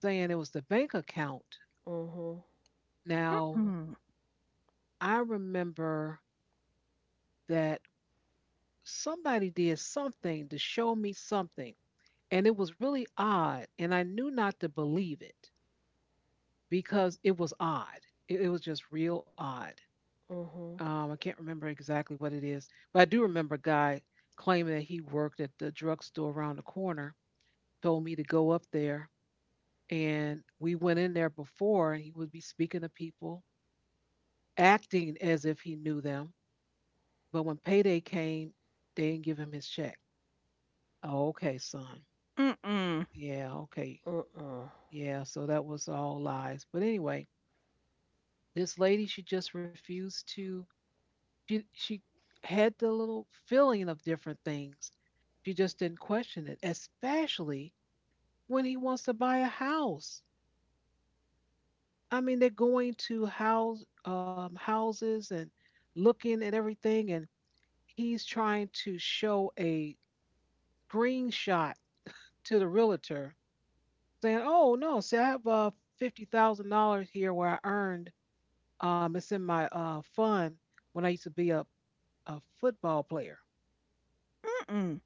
Speaker 1: saying it was the bank account.
Speaker 2: Mhm.
Speaker 1: Now,
Speaker 3: mm-mm,
Speaker 1: I remember that somebody did something to show me something, and it was really odd, and I knew not to believe it because it was odd. It was just real odd.
Speaker 2: Mhm.
Speaker 1: I can't remember exactly what it is, but I do remember a guy claiming that he worked at the drugstore around the corner, told me to go up there, and we went in there before, he would be speaking to people, acting as if he knew them. But when payday came, they didn't give him his check. Oh, okay, son.
Speaker 3: mm-mm,
Speaker 1: Yeah, okay.
Speaker 2: Mm.
Speaker 1: Yeah, so that was all lies. But anyway, this lady, she just refused to, she had the little feeling of different things. She just didn't question it, especially when he wants to buy a house. I mean, they're going to houses and looking at everything, and he's trying to show a screenshot to the realtor saying, "Oh no, see, I have $50,000 here where I earned. It's in my fund when I used to be a football player.
Speaker 3: mm-mm.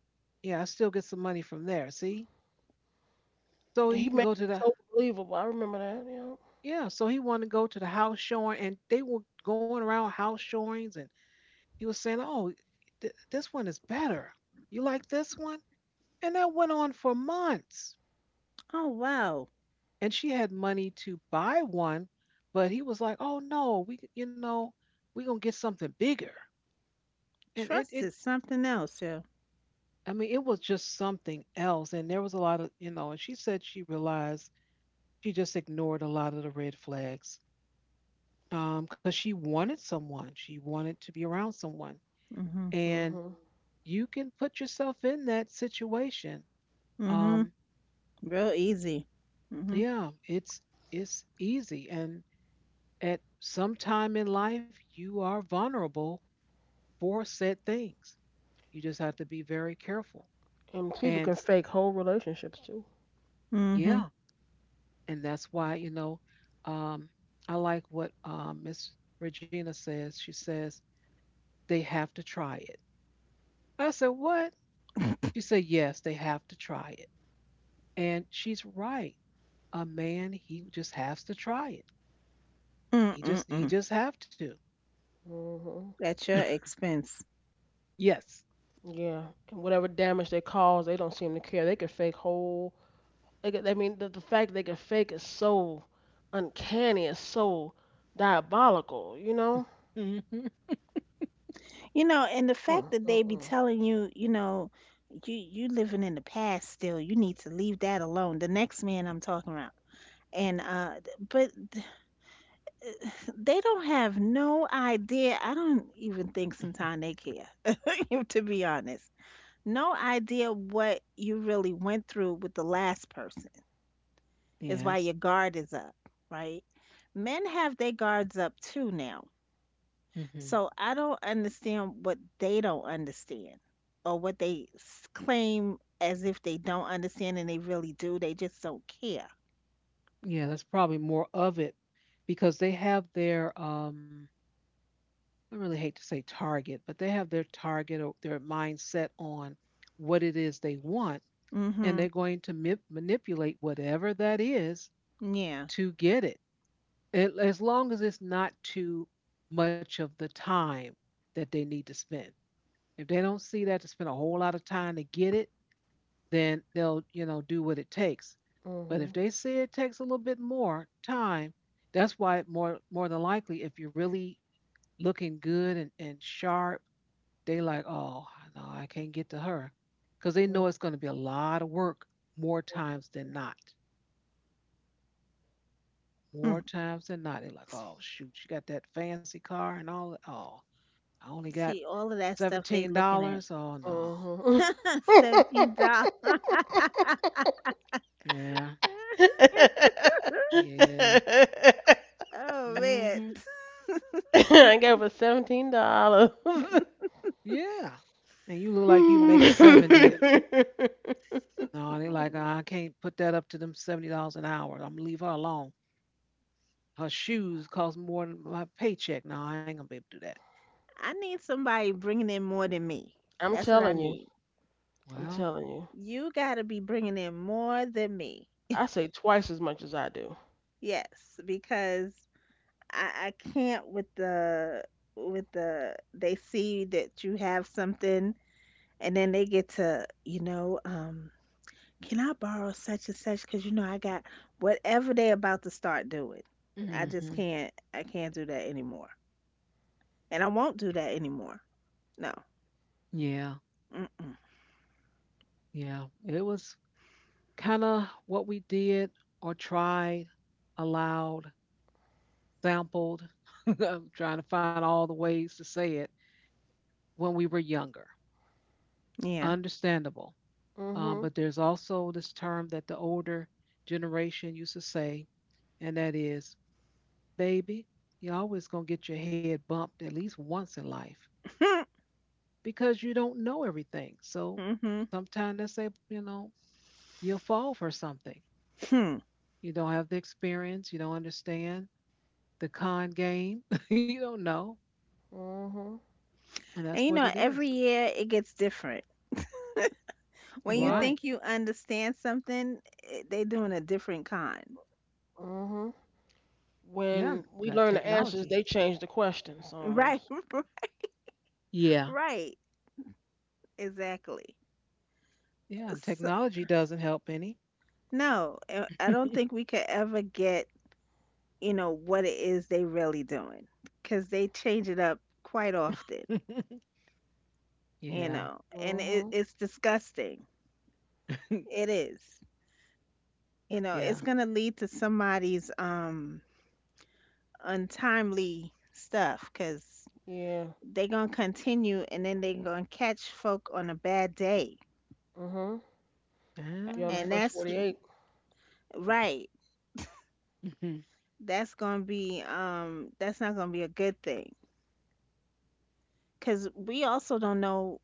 Speaker 1: Yeah, I still get some money from there. See, so
Speaker 2: He
Speaker 1: he
Speaker 2: made
Speaker 1: can go
Speaker 2: it
Speaker 1: to the
Speaker 2: so believable. I remember that. Yep.
Speaker 1: yeah. So he wanted to go to the house showing, and they were going around house showings, and he was saying, "Oh, this one is better. You like this one?" And that went on for months.
Speaker 3: Oh wow,
Speaker 1: And she had money to buy one, but he was like, "Oh no, we, we gonna get something bigger." And it
Speaker 3: trust
Speaker 1: it
Speaker 3: is something else, yeah.
Speaker 1: I mean it was just something else, and there was a lot of, and she said she realized she just ignored a lot of the red flags because she wanted someone, she wanted to be around someone.
Speaker 3: Mhm,
Speaker 1: And
Speaker 2: Mhm.
Speaker 1: you can put yourself in that situation.
Speaker 3: mhm.
Speaker 1: um
Speaker 3: Real easy. Mhm,
Speaker 1: yeah, it's easy. And at some time in life you are vulnerable for said things. You just have to be very careful.
Speaker 2: And people
Speaker 1: and
Speaker 2: can
Speaker 1: s-
Speaker 2: fake whole relationships too.
Speaker 3: mhm,
Speaker 1: yeah. And that's why, um, I like what Miss Regina says. She says they have to try it. I said, "What?" She said, "Yes, they have to try it." And she's right. A man, he just has to try it. He just he
Speaker 3: mm-mm.
Speaker 1: just have to.
Speaker 2: Mhm.
Speaker 3: At your expense,
Speaker 1: Yes.
Speaker 2: Yeah. And whatever damage they cause, they don't seem to care. They can fake whole They could, I mean, the fact they can fake is so uncanny, it's so diabolical, you know?
Speaker 1: Hmm. *laughs*
Speaker 3: you know. And the fact
Speaker 2: Mm,
Speaker 3: that
Speaker 2: mm,
Speaker 3: they be
Speaker 2: mm.
Speaker 3: telling you, you living in the past still. You need to leave that alone. The next man I'm talking about, and but they don't have no idea. I don't even think sometimes they care, *laughs* to be honest. No idea what you really went through with the last person is why
Speaker 1: Yes.
Speaker 3: your guard is up, right? Men have their guards up too now.
Speaker 1: Hmm.
Speaker 3: So I don't understand what they don't understand or what they claim as if they don't understand and they really do. They just don't care.
Speaker 1: Yeah, that's probably more of it, because they have their I really hate to say target, but they have their target or their mindset on what it is they want, and
Speaker 3: Mm-hmm.
Speaker 1: they're going to manipulate whatever that is
Speaker 3: Yeah.
Speaker 1: to get it. It. As long as it's not too much of the time that they need to spend. If they don't see that to spend a whole lot of time to get it, then they'll, do what it takes. But if
Speaker 2: Mhm,
Speaker 1: they see it takes a little bit more time, that's why, more than likely, if you're really looking good and sharp, they like, "Oh no, I can't get to her." Because they know it's going to be a lot of work more times than not. More
Speaker 3: Mm.
Speaker 1: times than not, they're like, "Oh shoot, you got that fancy car and all. Oh, I only got
Speaker 3: See, all of that stuff they
Speaker 1: seventeen
Speaker 3: looking at.
Speaker 1: dollars. Oh
Speaker 2: mm,
Speaker 1: no."
Speaker 2: mhm.
Speaker 3: *laughs* $17. *laughs*
Speaker 1: Yeah.
Speaker 2: *laughs*
Speaker 1: Yeah.
Speaker 3: Oh man.
Speaker 1: Hmm.
Speaker 3: *laughs*
Speaker 2: I gave her $17.
Speaker 1: Yeah. And you look like you make 70.
Speaker 2: *laughs*
Speaker 1: No, they're like, I can't put that up to them. $70 an hour, I'm gonna leave her alone. Her shoes cost more than my paycheck. No, I ain't gonna be able to do that."
Speaker 3: I need somebody bringing in more than me.
Speaker 2: I'm
Speaker 3: That's what I
Speaker 2: telling you,
Speaker 3: need.
Speaker 2: I'm
Speaker 1: Well,
Speaker 2: telling you.
Speaker 3: You got to be bringing in more than me.
Speaker 2: I say twice as much as I do.
Speaker 3: Yes, because I, I can't with the they see that you have something and then they get to, um, can I borrow such and such cuz you know I got whatever they about to start doing. I just
Speaker 1: hmm,
Speaker 3: can't I can't do that anymore, and I won't do that anymore. No.
Speaker 1: yeah,
Speaker 3: Mm-mm.
Speaker 1: yeah. It was kind of what we did, or tried, allowed, sampled. *laughs* I'm trying to find all the ways to say it. When we were younger.
Speaker 3: Yeah.
Speaker 1: Understandable. But
Speaker 2: Mhm,
Speaker 1: there's also this term that the older generation used to say, and that is, baby, you're always going to get your head bumped at least once in life,
Speaker 3: *laughs*
Speaker 1: because you don't know everything. So
Speaker 3: Mm-hmm.
Speaker 1: sometimes they say, you'll fall for something.
Speaker 3: Hmm.
Speaker 1: You don't have the experience, you don't understand the con game, *laughs* you don't know.
Speaker 2: mhm.
Speaker 1: And that's
Speaker 3: And you
Speaker 1: what
Speaker 3: know,
Speaker 1: it is.
Speaker 3: every year it gets different. When you
Speaker 2: Yep.
Speaker 1: Right.
Speaker 3: think you understand something, they doing a different kind.
Speaker 2: Mhm.
Speaker 1: Yeah,
Speaker 2: When we
Speaker 1: got
Speaker 2: learn the answers,
Speaker 1: technology.
Speaker 2: they change the questions
Speaker 3: Right.
Speaker 2: almost.
Speaker 3: *laughs*
Speaker 1: Yeah.
Speaker 3: Right. Exactly.
Speaker 1: Yeah, and
Speaker 3: So,
Speaker 1: technology doesn't help any.
Speaker 3: no, I don't think we
Speaker 1: *laughs*
Speaker 3: could ever get, you know, what it is they really doing because they change it up quite often, you
Speaker 1: Yeah.
Speaker 3: know, and
Speaker 2: Mhm.
Speaker 3: it's disgusting. It
Speaker 1: *laughs*
Speaker 3: is. You know, it's
Speaker 1: Yeah.
Speaker 3: going to lead to somebody's um, untimely stuff because
Speaker 2: Yeah.
Speaker 3: they gonna continue and then they gonna catch folk on a bad day,
Speaker 2: Mhm. Be on
Speaker 1: Ah,
Speaker 2: the
Speaker 3: and
Speaker 2: first
Speaker 3: that's
Speaker 1: that's
Speaker 2: 48.
Speaker 1: true.
Speaker 3: right,
Speaker 1: Mhm.
Speaker 3: that's gonna be that's not gonna be a good thing because we also don't know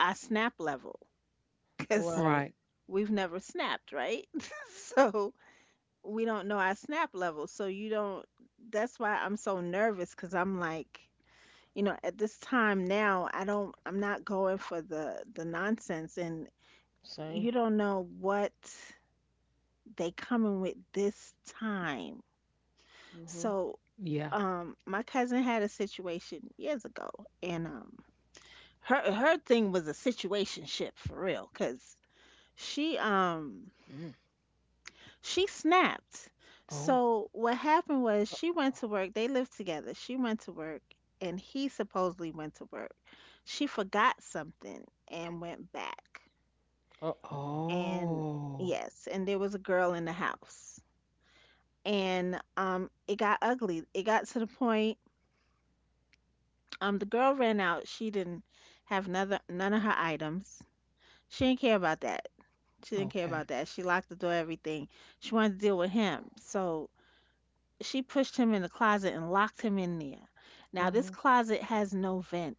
Speaker 3: our snap level because
Speaker 2: Right.
Speaker 1: Right.
Speaker 3: we've never snapped right. *laughs* So we don't know our snap level, so you don't. That's why I'm so nervous because I'm like, you know, at this time now, I don't, I'm not going for the nonsense, and
Speaker 2: Same.
Speaker 3: you don't know what they coming with this time.
Speaker 2: Mhm.
Speaker 3: So,
Speaker 1: Yeah.
Speaker 3: my cousin had a situation years ago, and her thing was a situation ship for real, cause she um
Speaker 1: Mm.
Speaker 3: she snapped.
Speaker 1: Oh.
Speaker 3: So what happened was she went to work. They lived together. She went to work, and he supposedly went to work. She forgot something and went back.
Speaker 2: Uh oh.
Speaker 3: And
Speaker 1: Oh.
Speaker 3: yes, and there was a girl in the house, and um, it got ugly. It got to the point, um, the girl ran out. She didn't have none of her items. She didn't care about that. She didn't care about
Speaker 1: Okay.
Speaker 3: that. She locked the door, everything. She wanted to deal with him. So she pushed him in the closet and locked him in there. Now this
Speaker 2: Mhm.
Speaker 3: closet has no vent.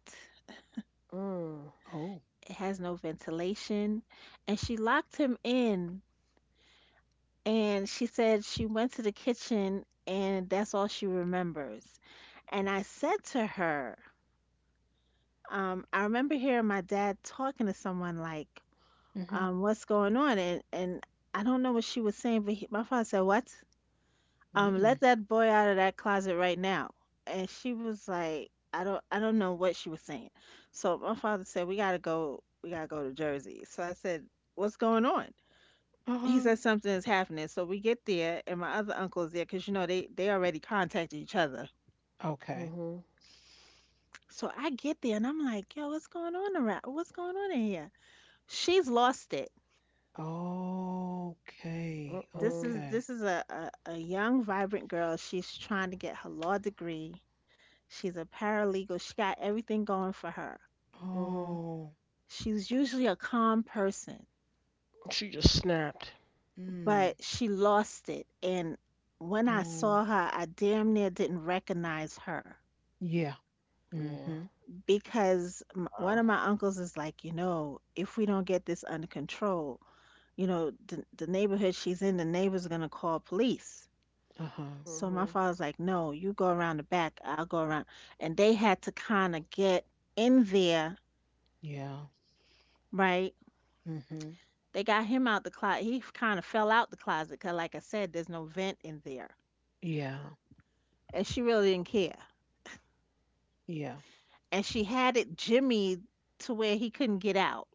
Speaker 2: Mm.
Speaker 1: Oh.
Speaker 3: It has no ventilation. And she locked him in, and she said she went to the kitchen, and that's all she remembers. And I said to her, um, I remember hearing my dad talking to someone like,
Speaker 1: Mhm.
Speaker 3: what's going on? And I don't know what she was saying, but my father said, what? Let
Speaker 1: Mm-mm.
Speaker 3: that boy out of that closet right now. And she was like, I don't know what she was saying. So my father said, we gotta we gotta go to Jersey. So I said, what's going on? He
Speaker 1: Uh-huh.
Speaker 3: said something is happening. So we get there, and my other uncle's there because you know they already contacted each other.
Speaker 1: Okay.
Speaker 2: Mhm.
Speaker 3: So I get there, and I'm like, yo, what's going on around? What's going on in here? She's lost it.
Speaker 2: Uh
Speaker 1: Okay.
Speaker 3: This
Speaker 2: oh.
Speaker 3: is
Speaker 1: Okay.
Speaker 3: this is a, a, a young, vibrant girl. She's trying to get her law degree. She's a paralegal. She got everything going for her.
Speaker 2: Mhm.
Speaker 1: Oh.
Speaker 3: She's usually a calm person,
Speaker 2: She just snapped.
Speaker 1: Mm.
Speaker 3: but she lost it. And when I
Speaker 1: Oh.
Speaker 3: saw her, I damn near didn't recognize her
Speaker 1: Yeah.
Speaker 2: Yeah.
Speaker 1: Mm-hmm.
Speaker 3: because one
Speaker 2: Wow.
Speaker 3: of my uncles is like, you know, if we don't get this under control, you know, the neighborhood she's in, the neighbor's gonna call police.
Speaker 1: Uh-huh.
Speaker 3: So my
Speaker 2: Mhm.
Speaker 3: father's like, no, you go around the back, I'll go around. And they had to kind of get in there,
Speaker 1: Yeah.
Speaker 3: right?
Speaker 1: Mm-hmm.
Speaker 3: They got him out the closet. He kind of fell out the closet because, like I said, there's no vent in there.
Speaker 1: Yeah.
Speaker 3: And she really didn't care.
Speaker 1: Yeah.
Speaker 3: And she had it jimmied to where he couldn't get out.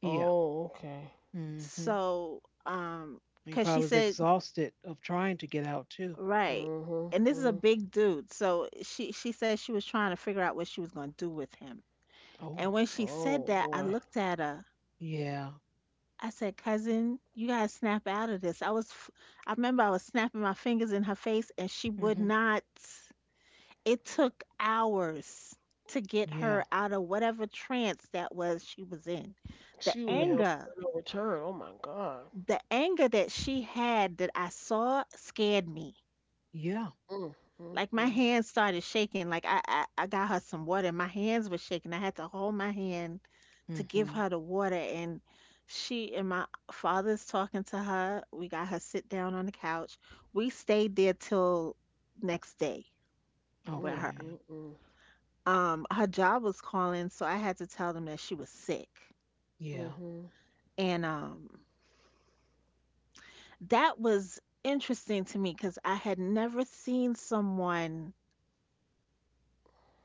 Speaker 1: Yeah.
Speaker 2: Oh. Okay.
Speaker 1: Hmm.
Speaker 3: So,
Speaker 1: He
Speaker 3: because she
Speaker 1: probably was
Speaker 3: said,
Speaker 1: exhausted of trying to get out too.
Speaker 3: right.
Speaker 2: Mhm.
Speaker 3: And this is a
Speaker 2: Mhm.
Speaker 3: big dude. So she said she was trying to figure out what she was going to do with him.
Speaker 1: Oh,
Speaker 3: And when she said
Speaker 2: Oh
Speaker 3: that, I
Speaker 2: boy.
Speaker 3: looked at her.
Speaker 1: yeah.
Speaker 3: I said, cousin, you gotta snap out of this. I was, I remember I was snapping my fingers in her face and she would
Speaker 1: Hmm.
Speaker 3: not. It took hours to get
Speaker 1: Yeah.
Speaker 3: her out of whatever trance that was she was in. The
Speaker 2: She was
Speaker 1: Yeah.
Speaker 2: on
Speaker 3: anger,
Speaker 2: no return. Oh my God.
Speaker 3: the anger that she had that I saw scared me.
Speaker 1: Yeah.
Speaker 2: Mm. Mm.
Speaker 3: Like my
Speaker 2: Mm.
Speaker 3: hands started shaking. Like I got her some water. My hands were shaking. I had to hold my hand to give
Speaker 1: Hmm.
Speaker 3: her the water. And she and my father's talking to her. We got her sit down on the couch. We stayed there till next day with
Speaker 2: Mm.
Speaker 3: her.
Speaker 1: Okay.
Speaker 2: Mm. Mm.
Speaker 3: Her job was calling, so I had to tell them that she was sick.
Speaker 1: Yeah.
Speaker 2: Mhm.
Speaker 3: And that was interesting to me because I had never seen someone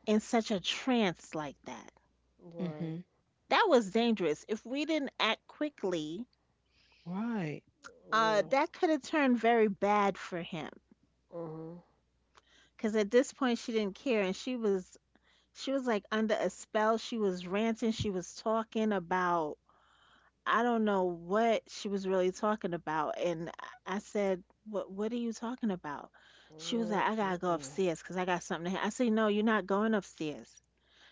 Speaker 3: in such a trance like that.
Speaker 1: Hmm.
Speaker 2: Right.
Speaker 3: That was dangerous. If we didn't act quickly,
Speaker 1: Right.
Speaker 2: Yeah.
Speaker 3: that could have turned very bad for him.
Speaker 2: Mhm.
Speaker 3: Because at this point, she didn't care, and she was like under a spell. She was ranting. She was talking about, I don't know what she was really talking about. And I said, "What? What are you talking about?" She was
Speaker 2: Mm,
Speaker 3: like, "I
Speaker 2: mm,
Speaker 3: gotta go
Speaker 2: mm.
Speaker 3: upstairs because I got something." To ha-. I said, "No, you're not going upstairs."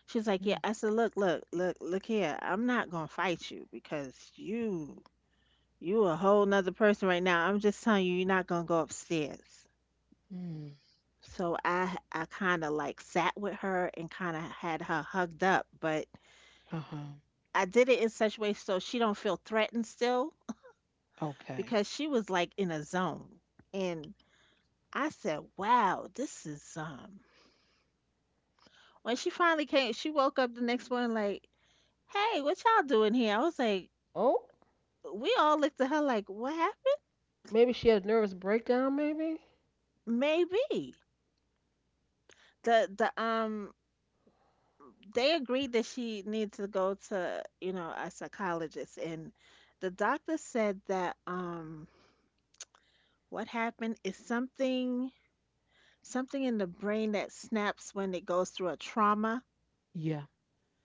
Speaker 3: She was like, "Yeah." I said, "Look, look, look, look here. I'm not gonna fight you because you." You a whole nother person right now. I'm just telling you, you're not gonna go upstairs.
Speaker 1: Mm-hmm.
Speaker 3: So I kind of like sat with her and kind of had her hugged up, but
Speaker 1: Uh-huh.
Speaker 3: I did it in such a way so she don't feel threatened still
Speaker 1: Okay.
Speaker 3: because she was like in a zone. And I said, "Wow, this is." When she finally came, she woke up the next morning like, "Hey, what y'all doing here?" I was like,
Speaker 2: Oh,
Speaker 3: "We all looked at her like, what happened?"
Speaker 2: maybe she had a nervous breakdown. Maybe.
Speaker 3: Maybe um, they agreed that she needs to go to, you know, a psychologist. And the doctor said that what happened is something in the brain that snaps when it goes through a trauma.
Speaker 1: Yeah.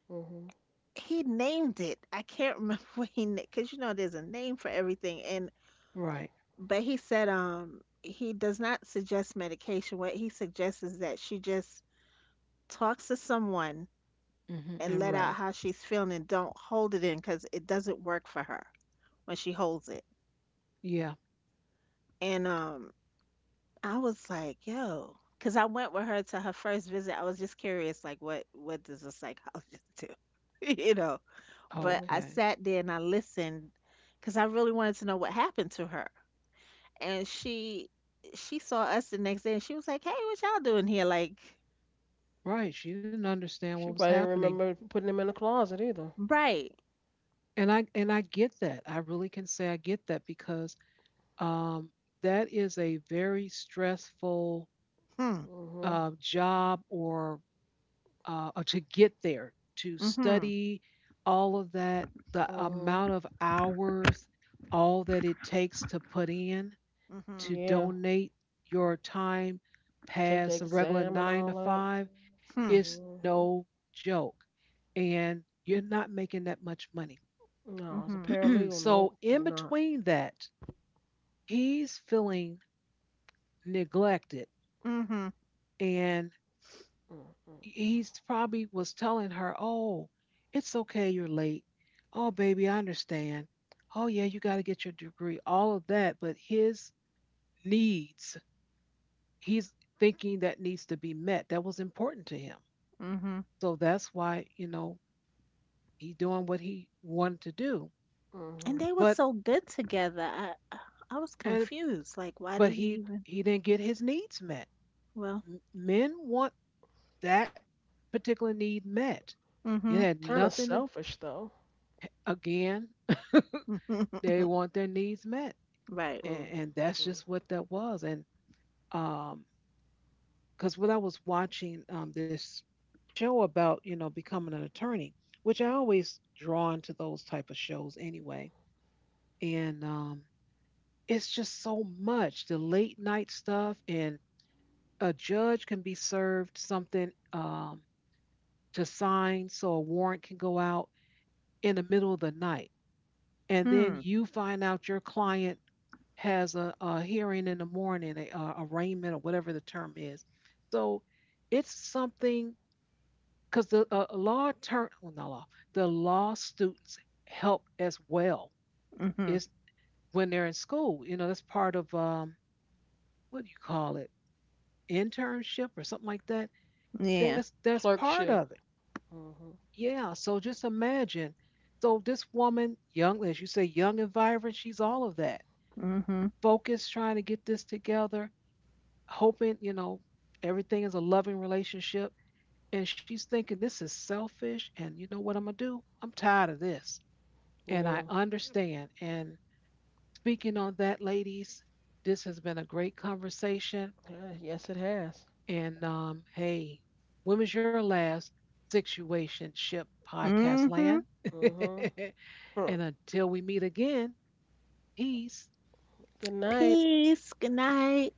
Speaker 2: Mhm.
Speaker 3: He named it. I can't remember *laughs* what he named, because you know there's a name for everything. And
Speaker 1: Right.
Speaker 3: but he said um, he does not suggest medication. What he suggests is that she just talks to someone
Speaker 1: Hmm.
Speaker 3: and
Speaker 1: And
Speaker 3: let
Speaker 1: rest.
Speaker 3: out how she's feeling and don't hold it in because it doesn't work for her when she holds it.
Speaker 1: Yeah.
Speaker 3: And um, I was like, yo, cuz I went with her to her first visit. I was just curious like what does a psychologist *laughs* do? *laughs* You know. But
Speaker 2: Mhm.
Speaker 3: I
Speaker 1: Okay.
Speaker 3: sat there and I listened cuz I really wanted to know what happened to her. And she saw us the next day and she was like, "Hey, what y'all doing here?" Like
Speaker 1: Right. She didn't understand what
Speaker 2: She
Speaker 1: was
Speaker 2: probably didn't
Speaker 1: happening.
Speaker 2: remember putting him in the closet either.
Speaker 3: right.
Speaker 1: And I get that. I really can say I get that because um that is a very stressful
Speaker 3: Hmm.
Speaker 2: Mhm.
Speaker 1: job, or to get there, to
Speaker 3: Mhm.
Speaker 1: study all of that, the
Speaker 2: Mhm.
Speaker 1: amount of hours, all that it takes to put in, to
Speaker 3: Mhm.
Speaker 2: Yeah.
Speaker 1: donate your time
Speaker 2: Take the
Speaker 1: past the regular
Speaker 2: exam and
Speaker 1: nine to
Speaker 2: all that.
Speaker 1: five
Speaker 3: Mm hmm.
Speaker 1: is
Speaker 2: Mhm.
Speaker 1: no joke. And you're not making that much money.
Speaker 2: No,
Speaker 3: Mm
Speaker 2: as a
Speaker 3: mhm.
Speaker 1: *clears throat*
Speaker 2: paralegal,
Speaker 1: So,
Speaker 2: nope,
Speaker 1: in
Speaker 2: you're not.
Speaker 1: between that, he's feeling neglected.
Speaker 3: Mm mhm.
Speaker 1: And
Speaker 2: Mm, mm, mm.
Speaker 1: he's probably was telling her, "Oh, it's okay, you're late. Oh, baby, I understand. Oh, yeah, you got to get your degree." All of that, but his needs, he's thinking, that needs to be met. That was important to him.
Speaker 3: Mhm.
Speaker 1: So that's why, he doing what he wanted to do.
Speaker 3: And
Speaker 2: Mhm.
Speaker 3: they were
Speaker 1: But —
Speaker 3: so good together. I was
Speaker 1: and
Speaker 3: confused. Like, why did
Speaker 1: but
Speaker 3: he
Speaker 1: he
Speaker 3: even?
Speaker 1: he didn't get his needs met.
Speaker 3: Well,
Speaker 1: Men want that particular need met. It
Speaker 3: mhm.
Speaker 1: had
Speaker 2: Kind of
Speaker 1: nothing to —
Speaker 2: selfish though.
Speaker 1: again, they
Speaker 3: *laughs*
Speaker 1: want their needs met.
Speaker 3: Right.
Speaker 2: Mm,
Speaker 1: and,
Speaker 2: mm,
Speaker 1: and that's
Speaker 2: mm.
Speaker 1: just what that was. And um, because when I was watching this show about, becoming an attorney, which I always drawn to those type of shows anyway, and it's just so much the late night stuff, and a judge can be served something to sign so a warrant can go out in the middle of the night, and then
Speaker 3: Hmm.
Speaker 1: you find out your client has a hearing in the morning, a arraignment or whatever the term is. So it's something because the not law — the law students help as well.
Speaker 3: Mhm.
Speaker 1: Is, when they're in school, that's part of what do you call it, internship or something like that.
Speaker 3: Yeah.
Speaker 1: That's part
Speaker 2: Clerkship.
Speaker 1: of it.
Speaker 2: Mhm.
Speaker 1: Yeah. So just imagine. So this woman, young, as you say, young and vibrant, she's all of that.
Speaker 3: Mhm.
Speaker 1: Focused, trying to get this together, hoping, everything is a loving relationship. And she's thinking, this is selfish. And you know what I'm going to do? I'm tired of this. And
Speaker 2: Yeah.
Speaker 1: I understand. And speaking on that, ladies, this has been a great conversation.
Speaker 2: Yeah, yes, it has.
Speaker 1: And hey, when was your last situationship podcast
Speaker 3: Mhm.
Speaker 1: land?
Speaker 2: Mhm.
Speaker 1: *laughs*
Speaker 2: Huh.
Speaker 1: And until we meet again, peace.
Speaker 2: Good night.
Speaker 3: Peace. Good night.